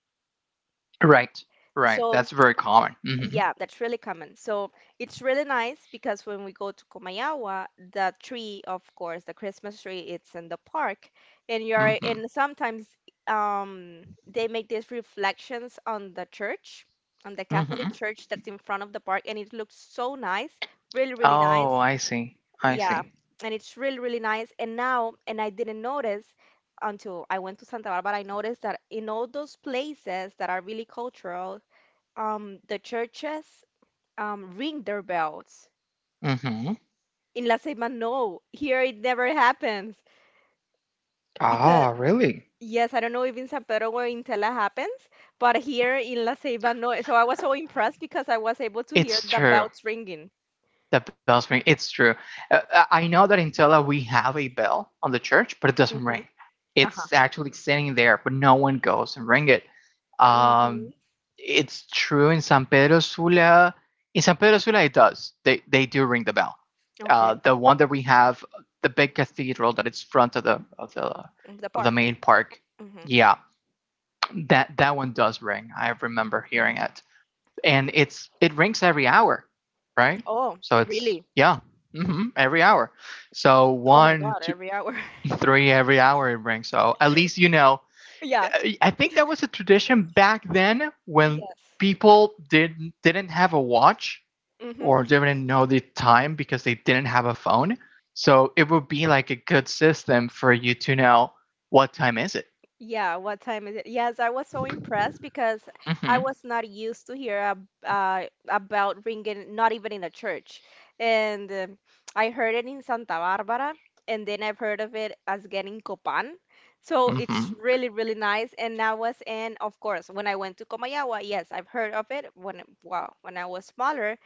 A: Right. Right.
B: So
A: That's very common. Hmm
B: yeah, that's really common. So it's really nice because when we go to Kumayawa, the tree, of course, the Christmas tree, it's in the park, and you're
A: hmm
B: and sometimes they make these reflections on the church, on the Catholic
A: hmm
B: church that's in front of the park, and it looks so nice, really, really
A: Oh,
B: nice.
A: I see. I
B: Yeah,
A: see.
B: and it's really, really nice. And now, and I didn't notice until I went to Santa Barbara, I noticed that in all those places that are really cultural, the churches ring their bells.
A: Hmm
B: In La Ceiba, no. Here it never happens because
A: Ah, really?
B: yes, I don't know if in San Pedro or in Tela happens, but here in La Ceiba, no. So I was so impressed because I was able to hear
A: It's
B: the
A: true.
B: bells ringing.
A: The bells ring. It's true. I know that in Tela we have a bell on the church, but it doesn't
B: Mm-hmm.
A: ring.
B: Uh-huh.
A: It's actually sitting there, but no one goes and ring it. Um,
B: Mm-hmm.
A: it's true in San Pedro Sula. In San Pedro Sula, it does. They do ring the bell.
B: Okay.
A: The one that we have, the big cathedral that it's front of the
B: Mm, the
A: of the
B: park.
A: main park.
B: Mm-hmm.
A: Yeah, that one does ring. I remember hearing it and it rings every hour, right?
B: Oh,
A: So it's
B: really?
A: yeah, hmm every hour. So
B: Oh my
A: one,
B: God,
A: two,
B: every hour.
A: three, every hour it rings. So at least you know.
B: Yeah.
A: I think that was a tradition back then when
B: Yes.
A: people did didn't have a watch
B: Mm-hmm.
A: or didn't know the time because they didn't have a phone. So it would be like a good system for you to know what time is it.
B: Yeah, what time is it? Yes, I was so impressed because I
A: Mm-hmm.
B: was not used to hear ab about ringing, not even in a church. And I heard it in Santa Barbara, and then I've heard of it as getting Copan. So it's
A: Mm-hmm.
B: really, really nice. And I was in, of course, when I went to Comayagua, yes, I've heard of it when, wow, when I was smaller.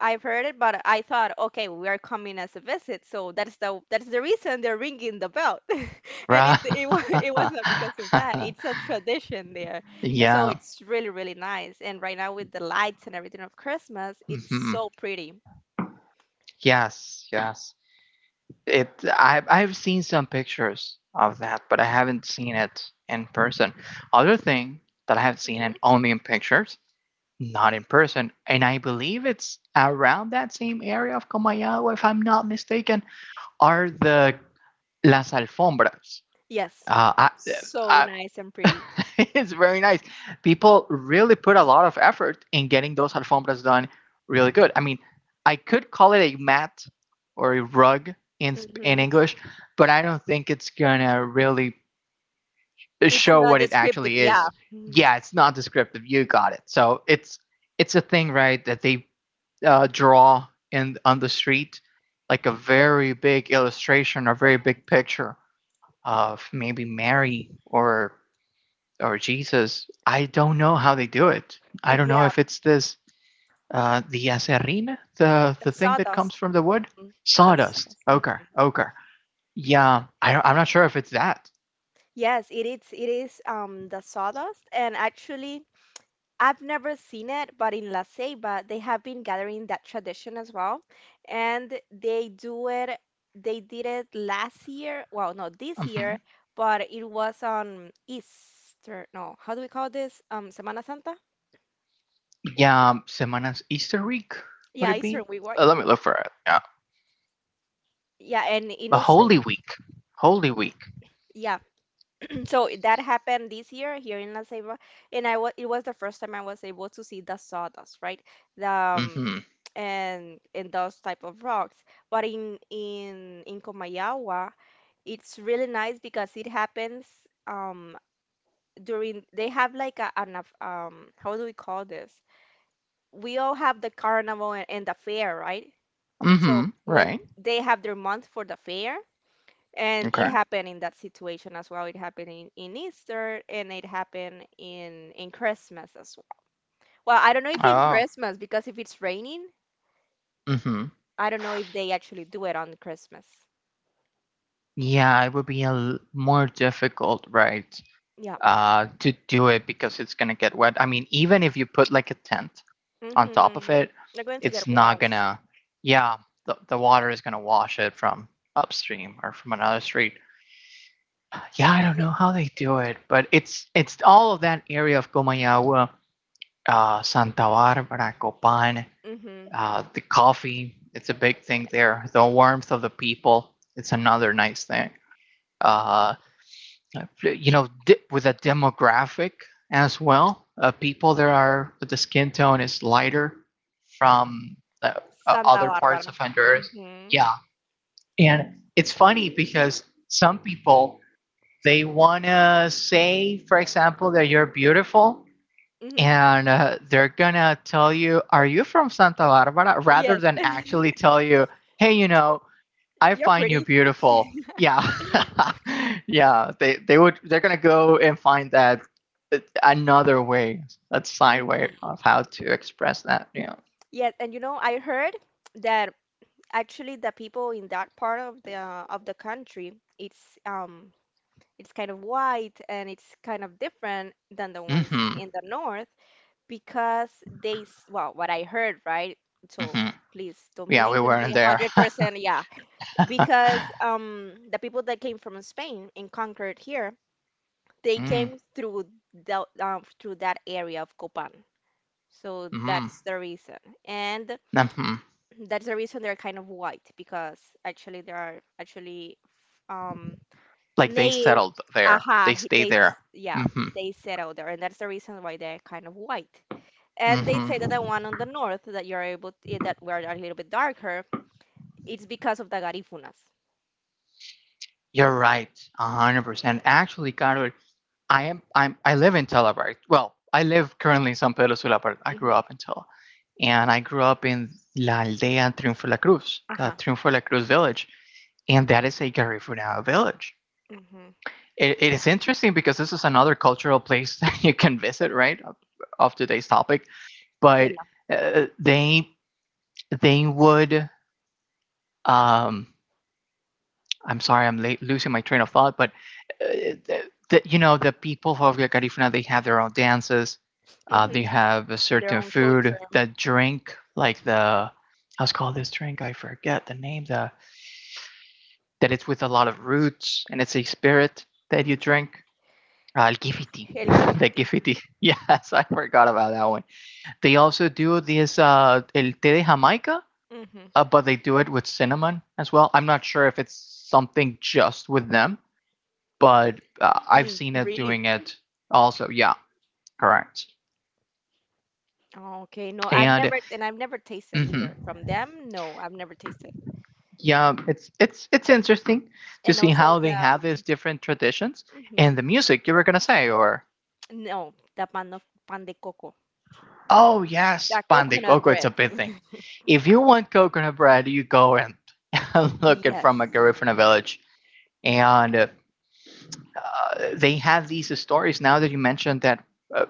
B: I've heard it, but I thought, okay, we are coming as a visit, so that's the reason they're ringing the bell, and it
A: Right.
B: it wa- it was not because of that. It's a tradition there, and so
A: Yeah.
B: it's really really nice. And right now with the lights and everything of Christmas, it's
A: Mm-hmm.
B: so pretty.
A: Yes, yes. It I've seen some pictures of that, but I haven't seen it in person. Other thing that I have seen
B: hmm
A: and only in pictures, not in person, and I believe it's around that same area of Comayagua, if I'm not mistaken, are the las alfombras.
B: Yes,
A: Uh, I,
B: so
A: I
B: nice and pretty.
A: It's very nice. People really put a lot of effort in getting those alfombras done really good. I mean, I could call it a mat or a rug in in
B: hmm
A: English, but I don't think it's gonna really
B: It's
A: show
B: not
A: what it
B: descriptive.
A: actually
B: Yeah,
A: is.
B: mhm.
A: Yeah, it's not descriptive. You got it. So it's a thing, right? That they draw in on the street, like a very big illustration or very big picture of maybe Mary or Jesus. I don't know how they do it. I
B: it
A: don't know
B: yeah,
A: if it's this the acerrina, the
B: the
A: thing that comes
B: sawdust.
A: from the wood,
B: Mhm. The
A: sawdust,
B: sawdust.
A: ochre,
B: Mhm.
A: ochre. Yeah, I'm not sure if it's that.
B: Yes, it is. It is the sawdust, and actually. I've never seen it, but in La Ceiba, they have been gathering that tradition as well. And they do it, they did it last year, well, no, this year,
A: Mhm.
B: but it was on Easter, no, how do we call this? Semana Santa?
A: Yeah, Semanas Easter week would
B: Yeah,
A: it
B: Eastern
A: be?
B: we work.
A: Let me look for it. Yeah,
B: Yeah, and in
A: the
B: Easter,
A: Holy Week, Holy Week.
B: yeah. So that happened this year here in La Ceiba, and I was it was the first time I was able to see the sawdust, right? The, um,
A: Mm-hmm.
B: and those type of rocks. But in Comayagua, it's really nice because it happens um during they have like a how do we call this? We all have the carnival and, the fair, right? So
A: Mm-hmm.
B: when
A: Right.
B: they have their month for the fair, and it
A: Okay.
B: happened in that situation as well. It happened in Easter and it happened in Christmas as well. Well, I don't know if in
A: Oh.
B: Christmas because if it's raining,
A: Mm-hmm.
B: I don't know if they actually do it on Christmas.
A: Yeah, it would be a more difficult, right?
B: Yeah.
A: To do it because it's gonna get wet. I mean, even if you put like a tent on top of
B: Mm-hmm.
A: it,
B: They're going to
A: it's
B: get
A: not
B: washed.
A: gonna. Yeah, the, water is gonna wash it from upstream or from another street. Yeah, I don't
B: Yeah.
A: know how they do it, but it's all of that area of Comayagua, Santa Barbara, Copan,
B: Mm-hmm.
A: the coffee. It's a big thing there. The warmth of the people. It's another nice thing. Uh, you know, with a demographic as well. People that are with the skin tone is lighter from uh,
B: Santa
A: other parts
B: Barbara.
A: of Honduras.
B: Mm-hmm.
A: Yeah, and it's funny because some people they wanna say, for example, that you're beautiful,
B: Mm-hmm.
A: and they're gonna tell you, "Are you from Santa Barbara?" rather
B: Yes.
A: than actually tell you, "Hey, you know, I
B: You're
A: find you
B: pretty.
A: beautiful. Yeah. Yeah. They would they're gonna go and find that another way, a side way
B: Mm-hmm.
A: of how to express that. Yeah."
B: Yes, and you know, I heard that actually the people in that part of the country, it's um it's kind of white and it's kind of different than the ones
A: Mm-hmm.
B: in the north because well, what I heard, right? So
A: Mm-hmm.
B: please don't
A: Yeah,
B: believe
A: we
B: in me
A: weren't there.
B: 100%, yeah. Because the people that came from Spain and conquered here, they came through through that area of Copan. So
A: Mm-hmm.
B: that's the reason. And
A: Mm-hmm.
B: that's the reason they're kind of white because actually they are actually um
A: Like they
B: they,
A: settled there. They
B: aha, he-
A: stay
B: they,
A: there.
B: s- yeah,
A: Mm-hmm.
B: they settle there, and that's the reason why they're kind of white. And they say that the
A: Mm-hmm.
B: one on the north that you're able to, that were a little bit darker, it's because of the Garífunas.
A: You're right, 100%. Actually, Carol, I am I'm I live in Tela, right? Well, I live currently in San Pedro Sula, but I grew
B: hmm
A: up in Tela. And I grew up in La Aldea Triunfo La Cruz, the
B: Aha.
A: Triunfo La Cruz village. And that is a Garifuna village.
B: hmm
A: It is interesting because this is another cultural place that you can visit, right? Of today's topic.
B: They
A: But
B: love.
A: uh, they they would um, I'm sorry, I'm late, losing my train of thought, but uh, the, the, you know, the people of La Carifuna, they have their own dances.
B: hmm
A: They have a
B: Their
A: certain
B: own
A: food,
B: culture,
A: the drink, like how's called this drink? I forget the name, the, that it's with a lot of roots and it's a spirit that you drink. El gifiti,
B: el
A: the
B: gifiti.
A: gifiti. Yes, I forgot about that one. They also do this, el té de Jamaica,
B: hmm
A: but they do it with cinnamon as well. I'm not sure if it's something just with them, but I've
B: Mm,
A: seen it
B: really?
A: doing it also. Yeah, correct.
B: Okay, no, I've
A: And
B: never, and I've never tasted
A: hmm
B: either from them. No, I've never tasted.
A: yeah, it's interesting to
B: And
A: see
B: also
A: how they have these different traditions
B: mhm,
A: and the music you were gonna say, or
B: no, the pan of pan de coco,
A: oh yes,
B: the
A: pan de
B: coconut
A: coco, it's
B: bread.
A: a big thing. If you want coconut bread, you go and look it from a
B: Yes.
A: Garifuna village, and they have these stories. Now that you mentioned that, uh,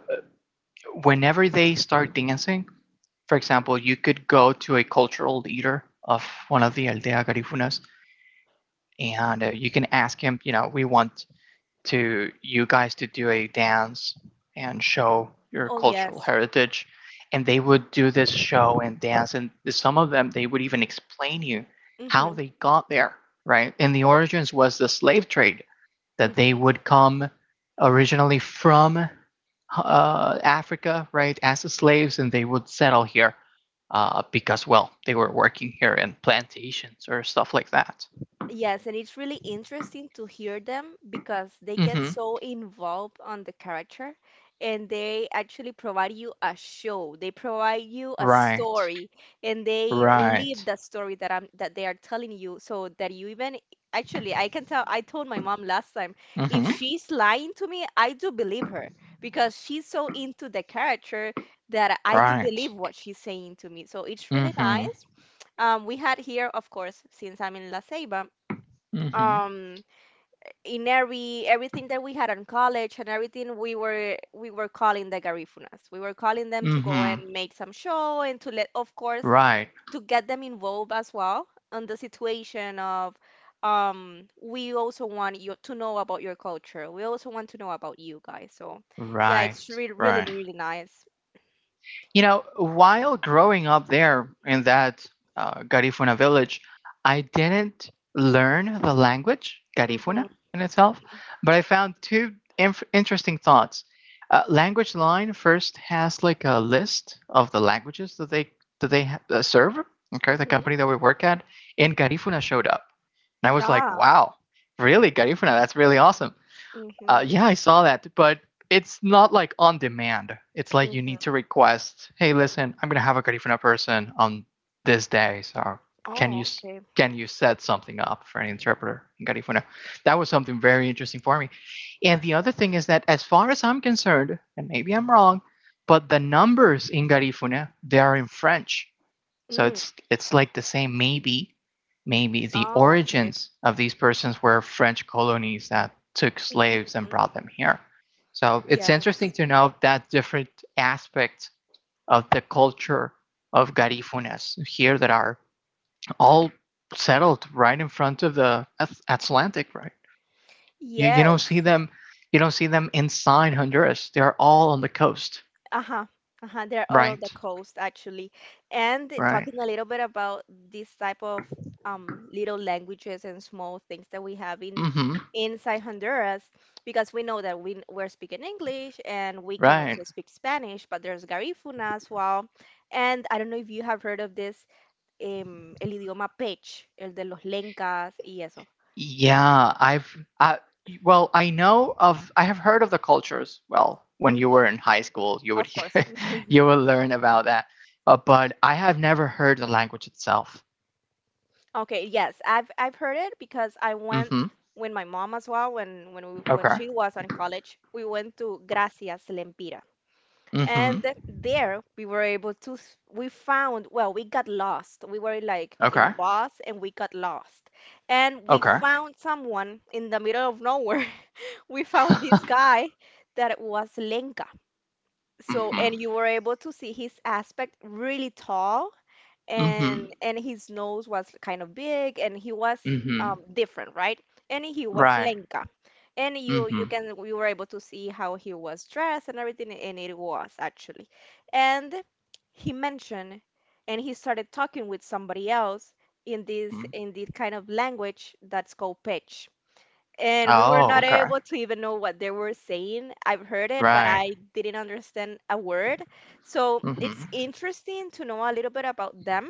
A: whenever they start dancing, for example, you could go to a cultural leader of one of the Aldea Garifunas and you can ask him, you know, we want to you guys to do a dance and show your
B: Oh,
A: cultural
B: yes.
A: heritage, and they would do this show and dance, and some of them they would even explain you how
B: Mm-hmm.
A: they got there, right? And the origins was the slave trade that they
B: Mm-hmm.
A: would come originally from Africa, right, as slaves, and they would settle here because, well, they were working here in plantations or stuff like that.
B: Yes, and it's really interesting to hear them because they get
A: Mm-hmm.
B: so involved on the character and they actually provide you a show. They provide you a
A: Right.
B: story and they live
A: Right.
B: that story that they are telling you so that you even actually I can tell I told my mom last time if
A: Mm-hmm.
B: she's lying to me, I do believe her because she's so into the character that I do believe
A: Right.
B: what she's saying to me. So it's really
A: Mm-hmm.
B: nice. We had here, of course, since I'm in La Ceiba,
A: Mm-hmm.
B: um, in everything that we had in college and everything, we were calling the Garifunas. We were calling them to go and
A: Mm-hmm.
B: make some show and to let, of course,
A: Right.
B: to get them involved as well on the situation of we also want you to know about your culture. We also want to know about you guys. So, yeah, it's
A: Right.
B: really
A: Right.
B: really really nice.
A: You know, while growing up there in that Garifuna village, I didn't learn the language,
B: Mm-hmm,
A: Garifuna in itself, but I found two interesting thoughts. Language line first has like a list of the languages that they serve. Okay, the
B: mm-hmm.
A: company that we work at in Garifuna showed up, and I was like,
B: Ah.
A: "Wow, really, Garifuna? That's really awesome."
B: Mm-hmm,
A: Yeah, I saw that, but it's not like on demand. It's like you need
B: mm-hmm.
A: to request, hey, listen, I'm gonna have a Garifuna person on this day, so can you
B: Oh, okay.
A: can you set something up for an interpreter in Garifuna? That was something very interesting for me. And the other thing is that, as far as I'm concerned, and maybe I'm wrong, but the numbers in Garifuna they are in French. So
B: Mm.
A: it's like the same, maybe the
B: Oh, okay.
A: origins of these persons were French colonies that took slaves and
B: Mhm.
A: brought them here. So it's interesting
B: Yes.
A: to know that different aspect of the culture of Garifunas here that are all settled right in front of the Atlantic, right? You don't see
B: Yes.
A: them, you don't see them inside Honduras. They're all on the coast,
B: Uh-huh. Uh-huh. They're out of the
A: right?
B: coast actually. And
A: Right.
B: talking a little bit about this type of little languages and small things that we have in
A: Mm-hmm.
B: inside Honduras, because we know that we're speaking English and we can
A: Right.
B: also speak Spanish, but there's Garífuna as well. And I don't know if you have heard of this el idioma pech, el de los lencas y eso.
A: Yeah, well, I have heard of the cultures. Well, when you
B: Mhm.
A: were in high school, you would
B: Of course.
A: hear, you would learn about that. But I have never heard the language itself.
B: Okay, yes, I've heard it because I went
A: Mhm.
B: with my mom as well when when
A: Okay.
B: she was in college. We went to Gracias Lempira, and
A: Mhm.
B: there we were able to we found well we got lost. We were like in a
A: Okay.
B: bus and we got lost, and we
A: Okay.
B: found someone in the middle of nowhere. We found this guy that was Lenka. So and
A: Mhm.
B: you were able to see his aspect really tall and
A: Mhm.
B: his nose was kind of big and he was
A: Mhm.
B: different right and he was
A: Right.
B: lenca and you
A: Mhm.
B: can we were able to see how he was dressed and everything and it was actually and he mentioned and he started talking with somebody else in this
A: Mhm.
B: in this kind of language that's called pitch and we were
A: Oh,
B: not
A: okay.
B: able to even know what they were saying. I've heard it, but
A: Right.
B: I didn't understand a word. So it's
A: Mhm.
B: interesting to know a little bit about them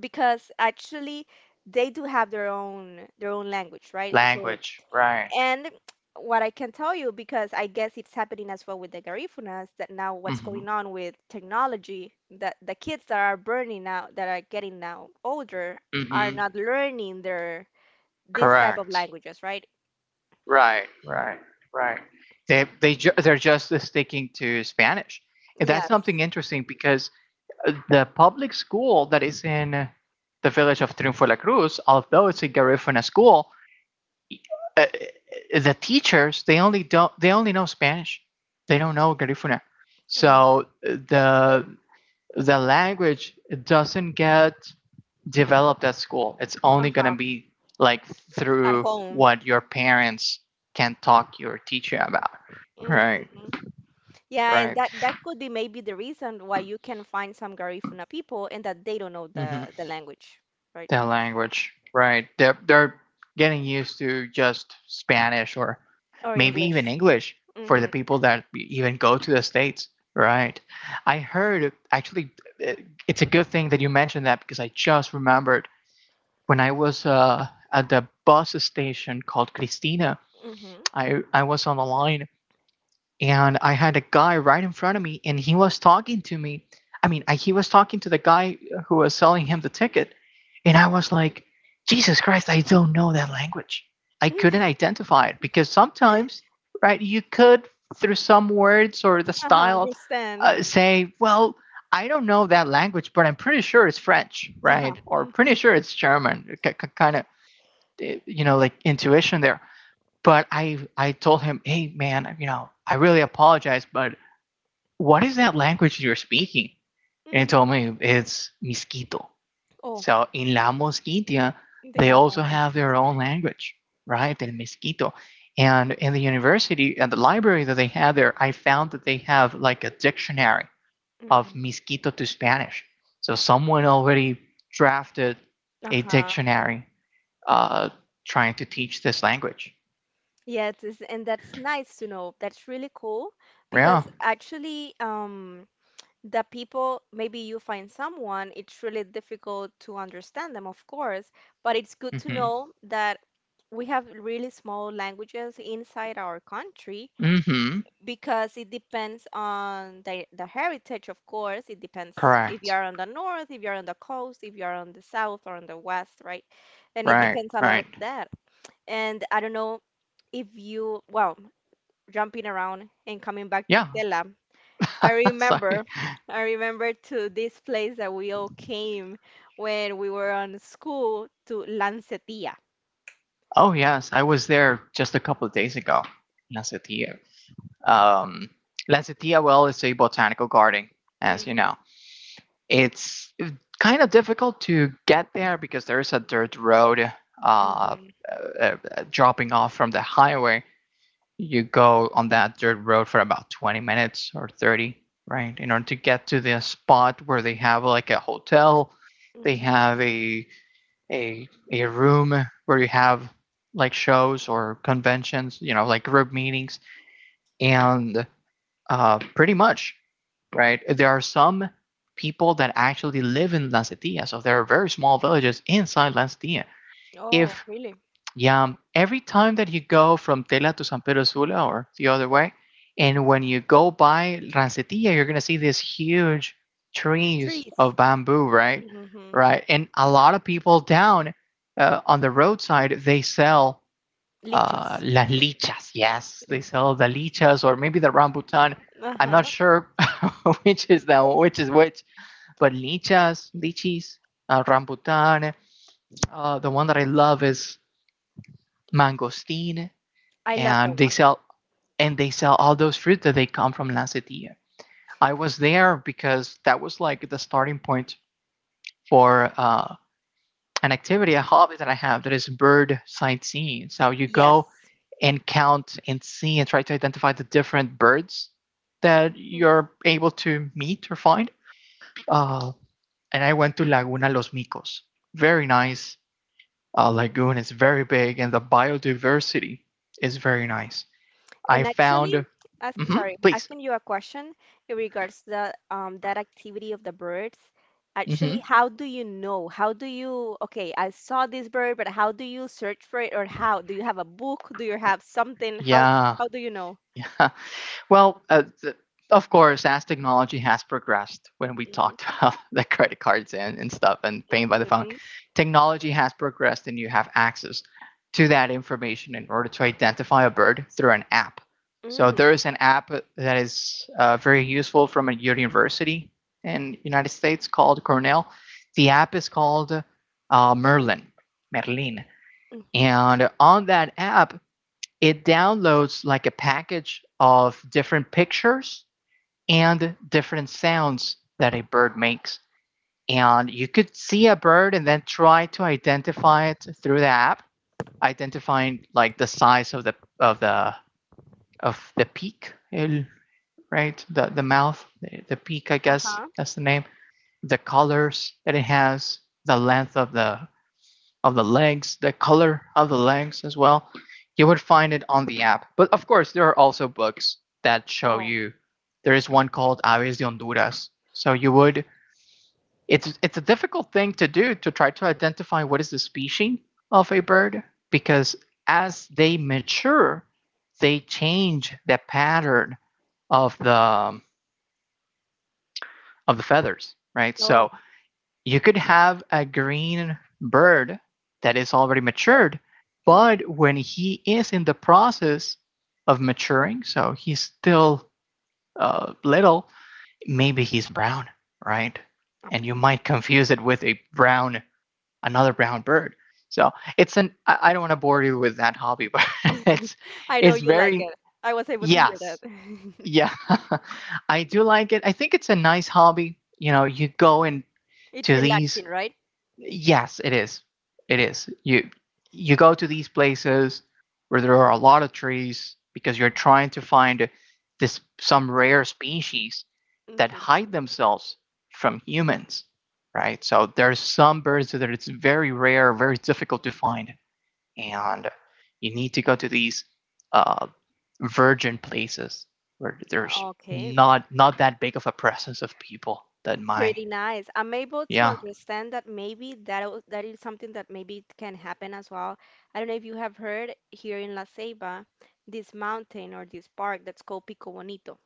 B: because actually they do have their own language, right? So
A: Language. Right.
B: and what I can tell you because I guess it's happening as well with the Garifunas that now what's
A: Mhm.
B: going on with technology that the kids that are burning now that are getting now older are
A: Mhm.
B: not learning their this type of
A: Correct.
B: languages, right?
A: Right, right, right. They're just sticking to Spanish, and that's
B: Yes.
A: something interesting because the public school that is in the village of Triunfo de la Cruz, although
B: Mhm.
A: it's a Garifuna school, uh, the teachers they only know Spanish. They don't know Garifuna,
B: Oh.
A: so the language doesn't get developed at school. It's only going to
B: Uh-huh.
A: be like
B: At
A: through
B: home.
A: what your parents can talk your teacher about. Right,
B: hmm Yeah, and
A: right.
B: that that could be maybe the reason why you can find some Garifuna people and that they don't know
A: Mm-hmm.
B: the language, right?
A: Their language, right. They're getting used to just Spanish or
B: Or
A: maybe even
B: English.
A: English for the
B: Mm-hmm.
A: people that even go to the States. Right. I heard actually, it's a good thing that you mentioned that because I just remembered when I was at the bus station called Cristina,
B: Mm-hmm.
A: I was on the line and I had a guy right in front of me, and he was talking to me. I mean, he was talking to the guy who was selling him the ticket, and I was like, Jesus Christ, I don't know that language. I couldn't identify it because sometimes, right, you could through some words or the
B: Uh-huh,
A: style
B: understand.
A: say, well, I don't know that language, but I'm pretty sure it's French, right?
B: Uh-huh.
A: Or pretty
B: Mm-hmm.
A: sure it's German, kind of, you know, like intuition there. But I told him, hey man, you know, I really apologize, but what is that language you're speaking? And he
B: Mm-hmm.
A: told me it's Misquito.
B: Oh,
A: So in La Mosquitia,
B: they
A: they
B: have their
A: also
B: own.
A: have their own language, right? El Misquito. And in the university, at the library that they had there, I found that they have like a dictionary of
B: Mm-hmm.
A: Misquito to Spanish. So someone already drafted a
B: Uh-huh.
A: dictionary, uh, trying to teach this language.
B: Yeah, it is, and that's nice to know. That's really cool
A: Yeah.
B: because actually, the people maybe you find someone it's really difficult to understand them of course but it's good to
A: Mm-hmm.
B: know that we have really small languages inside our country
A: Mhm.
B: because it depends on the heritage of course it depends if you
A: Correct.
B: are on the north if you're on the coast if you're on the south or on the west right and it
A: Right,
B: depends a lot of
A: right.
B: that and I don't know if you well jumping around and coming back to
A: Yeah.
B: tela I
A: Sorry.
B: remember, I remember to this place that we all came when we were on school to Lancetia.
A: Oh, yes, I was there just a couple of days ago. Lancetia. Um, Lancetia. Well, is a botanical garden, as you know.
B: Mm-hmm,
A: It's kind of difficult to get there because there is a dirt road, uh, uh,
B: mm-hmm,
A: uh, dropping off from the highway. You go on that dirt road for about 20 minutes or 30, right, in order to get to the spot where they have like a hotel. They
B: mm-hmm.
A: have a a room where you have like shows or conventions, you know, like group meetings. And pretty much, right, there are some people that actually live in Lancetia, so there are very small villages inside Lancetia.
B: Oh,
A: If
B: really?
A: Yeah, every time that you go from Tela to San Pedro Sula or the other way, and when you go by Rancetilla, you're gonna see these huge trees of
B: Trees.
A: bamboo, right?
B: Mm-hmm.
A: Right, and a lot of people down, on the roadside they sell,
B: Lichas.
A: las lichas. Yes, they sell the lichas or maybe the rambutan. I'm not
B: Uh-huh.
A: sure which is the which is which, but lichas, lichis, rambutan. The one that I love is mangosteen.
B: I love
A: and
B: that
A: they
B: one.
A: sell and they sell all those fruits that they come from Lancetia. I was there because that was like the starting point for an activity, a hobby that I have that is bird sightseeing. So you go
B: Yes.
A: and count and see and try to identify the different birds that you're able to meet or find. Uh, and I went to Laguna Los Micos. Very nice lagoon. It's very big, and the biodiversity is very nice, I
B: And actually,
A: found. Hmm,
B: sorry,
A: please.
B: asking you a question in regards the that activity of the birds. Actually,
A: Hmm.
B: how do you know? Okay, I saw this bird, but how do you search for it, or how? Do you have a book? Do you have something?
A: Yeah.
B: How do you know?
A: Yeah. Well, of course, as technology has progressed, when we
B: Mm-hmm.
A: talked about the credit cards and stuff and paying by the phone,
B: Mm-hmm.
A: technology has progressed and you have access to that information in order to identify a bird through an app. So
B: Mm,
A: there is an app that is very useful from a university in the United States called Cornell. The app is called Merlin. Merlin.
B: Mm-hmm.
A: And on that app, it downloads like a package of different pictures and different sounds that a bird makes. And you could see a bird and then try to identify it through the app, identifying like the size of the of the of the peak, eh, right? The mouth, the peak, I guess
B: Uh-huh.
A: that's the name. The colors that it has, the length of the legs, the color of the legs as well. You would find it on the app. But of course, there are also books that show
B: Oh,
A: you. There is one called Aves de Honduras. So you would, it's a difficult thing to do to try to identify what is the species of a bird because as they mature, they change the pattern of the of the feathers, right?
B: oh.
A: So you could have a green bird that is already matured,
B: Mm-hmm.
A: but when he is in the process of maturing, so he's still, little, maybe he's brown, right? And you
B: Okay.
A: might confuse it with a brown, another brown bird. So it's an. I don't want to bore you with that hobby, but it's
B: I know
A: it's
B: you like
A: very,
B: it. I was able to hear that.
A: yes, yeah. I do like it. I think it's a nice hobby. You know, you go into
B: It's
A: these.
B: relaxing, right?
A: Yes, it is. It is. You go to these places where there are a lot of trees because you're trying to find this some rare species that
B: Mm-hmm.
A: hide themselves from humans, right? So there's some birds that it's very rare, very difficult to find, and you need to go to these, uh, virgin places where there's
B: Okay.
A: not, not that big of a presence of people that my
B: Pretty nice. I'm able to
A: yeah.
B: understand that maybe that is something that maybe it can happen as well. I don't know if you have heard here in La Ceiba this mountain or this park that's called Pico Bonito.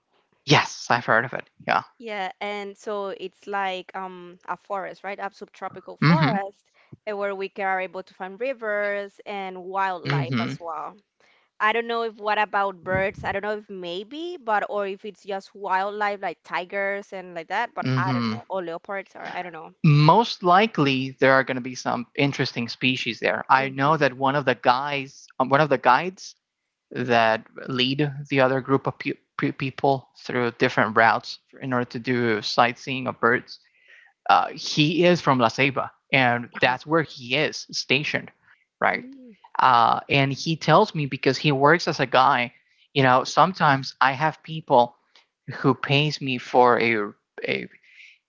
A: Yes, I've heard of it, yeah.
B: Yeah, and so it's like a forest, right? A subtropical
A: Mhm.
B: forest are able to find rivers and wildlife
A: Mhm.
B: as well. I don't know if what about birds? I don't know if maybe, but or if it's just wildlife like tigers and like that, but I don't
A: Mhm.
B: know, or leopards or I don't
A: Most likely, there are going to be some interesting species there. I know
B: know.
A: that one of the guys, one of the guides that lead the other group of people through different routes in order to do sightseeing of birds, he is from La Ceiba, and
B: Uh-huh.
A: that's where he is stationed, right?
B: Mm,
A: And he tells me because he works as a guy, you know, sometimes I have people who pays me for a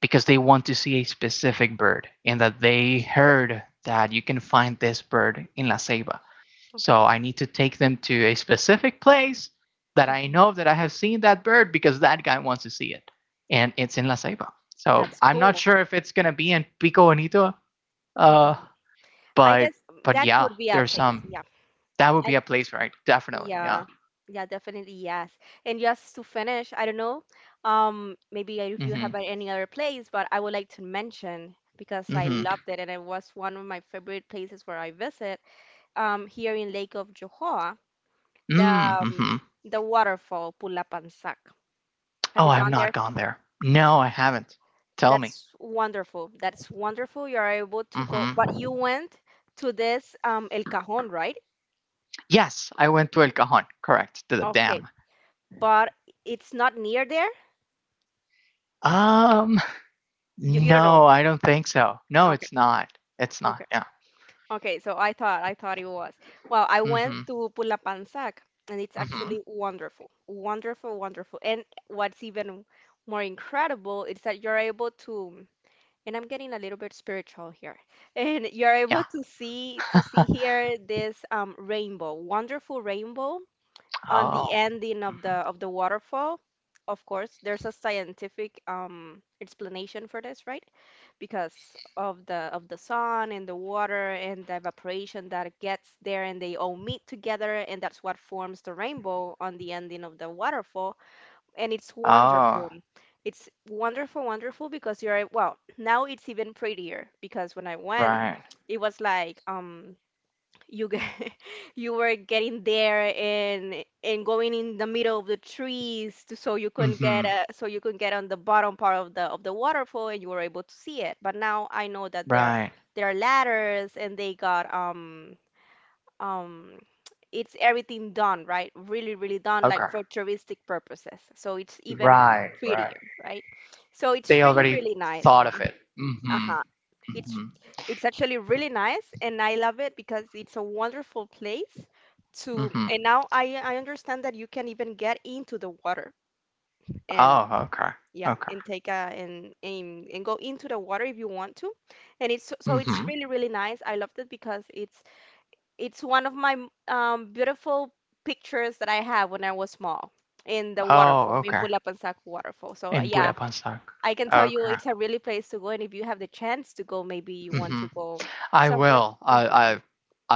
A: because they want to see a specific bird and that they heard that you can find this bird in La Ceiba.
B: okay.
A: So I need to take them to a specific place that I
B: Mm,
A: know that I have seen that bird because that guy wants to see it. And it's in La Ceiba. So
B: that's
A: I'm not
B: cool.
A: sure if it's going to be in Pico Bonito, uh,
B: hmm I
A: but
B: guess
A: but
B: that
A: yeah,
B: could be a
A: there's
B: place.
A: some.
B: Yeah.
A: That would
B: I
A: be a place, right? Definitely, yeah.
B: yeah. Yeah, definitely yes. And just to finish, I don't know, maybe if you
A: Mm-hmm.
B: have any other place, but I would like to mention because I
A: Mm-hmm.
B: loved it and it was one of my favorite places where I visit, here in Lake of Johor, the um,
A: Mm-hmm.
B: the waterfall Pulapansak. Have
A: Oh,
B: you
A: I've
B: gone
A: not
B: there?
A: gone there. No, I haven't. Tell me.
B: That's wonderful. That's wonderful. You are able to go, but
A: Mm-hmm.
B: you went to this El Cajón, right?
A: Yes, I went to El Cajon. Correct. To the
B: Okay.
A: dam.
B: But it's not near there?
A: Um,
B: You don't know.
A: no, I don't think so. No,
B: Okay.
A: it's not. It's not.
B: Okay.
A: Yeah.
B: Okay, so I thought it was. Well, I went
A: Mm-hmm.
B: to Pulapansac and it's
A: Mm-hmm.
B: actually wonderful. Wonderful, wonderful. And what's even more incredible is that you're able to and I'm getting a little bit spiritual here. And you're
A: Yeah.
B: able to see here this rainbow, wonderful rainbow on
A: Oh.
B: the ending
A: Mhm.
B: of the waterfall, of course, there's a scientific explanation for this, right? Because of the sun and the water and the evaporation that gets there and they all meet together and that's what forms the rainbow on the ending of the waterfall and it's
A: Oh.
B: wonderful. It's wonderful, wonderful because you're well, now it's even prettier because when I went,
A: Right.
B: it was like you get, you were getting there and going in the middle of the trees to, so you couldn't get
A: Mm-hmm.
B: so you could get on the bottom part of the waterfall and you were able to see it. But now I know that
A: Right.
B: there are ladders and they got um it's everything done right, really really done like
A: Okay.
B: for touristic purposes. So it's even
A: Right. Right.
B: prettier, right? So it's
A: They
B: really
A: already
B: really nice.
A: thought of it. Mm-hmm.
B: Uh-huh. It's
A: Mm-hmm.
B: it's actually really nice and I love it because it's a wonderful place to
A: Mm-hmm.
B: and now I understand that you can even get into the water and
A: Oh. Okay.
B: yeah
A: Okay.
B: and take a and and go into the water if you want to and it's so it's
A: Mm-hmm.
B: really really nice I loved it because it's one of my beautiful pictures that I have when I was small in the
A: Oh.
B: waterfall in
A: Okay.
B: Pulapansaco waterfall so
A: In
B: yeah
A: Budapest.
B: I can tell you
A: Okay.
B: it's a really place to go, and if you have the chance to go, maybe you want
A: Mm-hmm.
B: to go
A: I
B: somewhere.
A: will.
B: hmm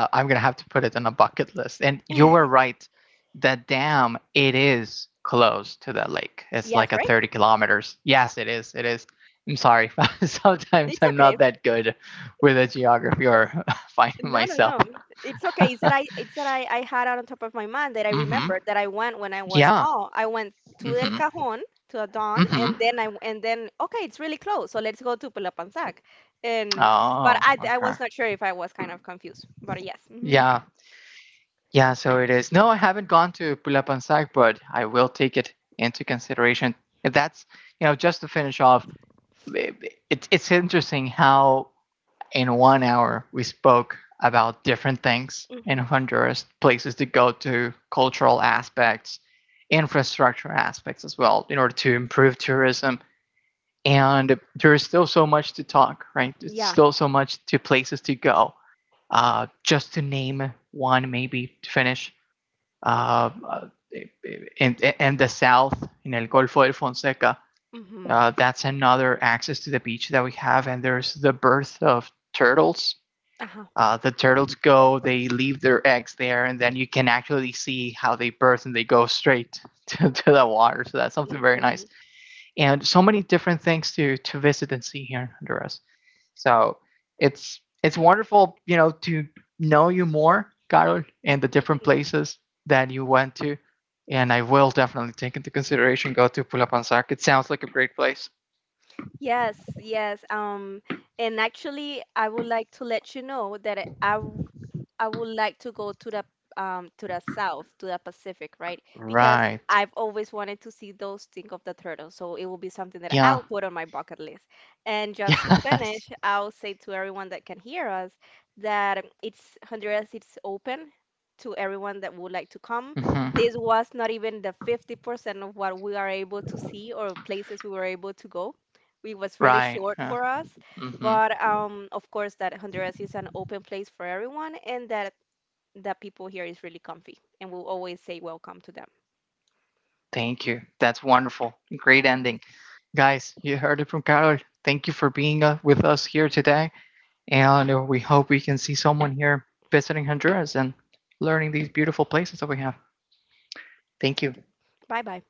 A: I am gonna have to put it on a bucket list. And you were right. The dam, it is close to the lake. It's like
B: Yes,
A: a
B: right?
A: 30 kilometers. Yes, it is. It is. I'm sorry. Sometimes
B: It's
A: I'm
B: okay.
A: not that good with the geography or finding
B: No, no,
A: myself.
B: no. It's okay. It's that I it's that I had it on top of my mind that I
A: Mm-hmm.
B: remembered that I went when I was
A: Yeah.
B: small. I went to El
A: Mm-hmm.
B: Cajón, to Adon,
A: Mm-hmm.
B: and then okay, it's really close. So let's go to Pelapanzac. And but
A: Oh,
B: I
A: okay.
B: was not sure if I was kind of confused. But yes.
A: Yeah. Yeah, so it is. No, I haven't gone to Pulapansac, but I will take it into consideration. And that's, you know, just to finish off, it's interesting how in 1 hour we spoke about different things in
B: Hmm
A: Honduras, places to go to, cultural aspects, infrastructure aspects as well, in order to improve tourism. And there is still so much to talk, right? It's
B: Yeah.
A: still so much to places to go. Just to name one, maybe to finish, uh, uh, in the south, in El Golfo de Fonseca,
B: hmm
A: that's another access to the beach that we have, and there's the birth of turtles.
B: Uh-huh.
A: The turtles go, they leave their eggs there, and then you can actually see how they birth and they go straight to the water. So that's something very
B: hmm
A: nice. And so many different things to visit and see here in Honduras. So it's wonderful, you know, to know you more, Carol, and the different places that you went to. And I will definitely take into considepanzac. Go to Pulapanzac. It sounds like a great place.
B: Yes, yes. And actually, I would like to let you know that I would like to go to the south, to the Pacific, right? Because
A: Right.
B: I've always wanted to see those think of the turtle. So it will be something that
A: Yeah.
B: I'll put on my bucket list. And just to
A: Yes.
B: finish, I'll say to everyone that can hear us that it's Honduras it's open to everyone that would like to come.
A: Hmm.
B: This was not even the 50% of what we are able to see or places we were able to go. It was really
A: Right.
B: short
A: Yeah.
B: for us.
A: Hmm.
B: But of course, that Honduras is an open place for everyone, and that that people here is really comfy, and we'll always say welcome to them.
A: Thank you. That's wonderful. Great ending. Guys, you heard it from Carol. Thank you for being with us here today. And we hope we can see someone here visiting Honduras and learning these beautiful places that we have. Thank you.
B: Bye bye.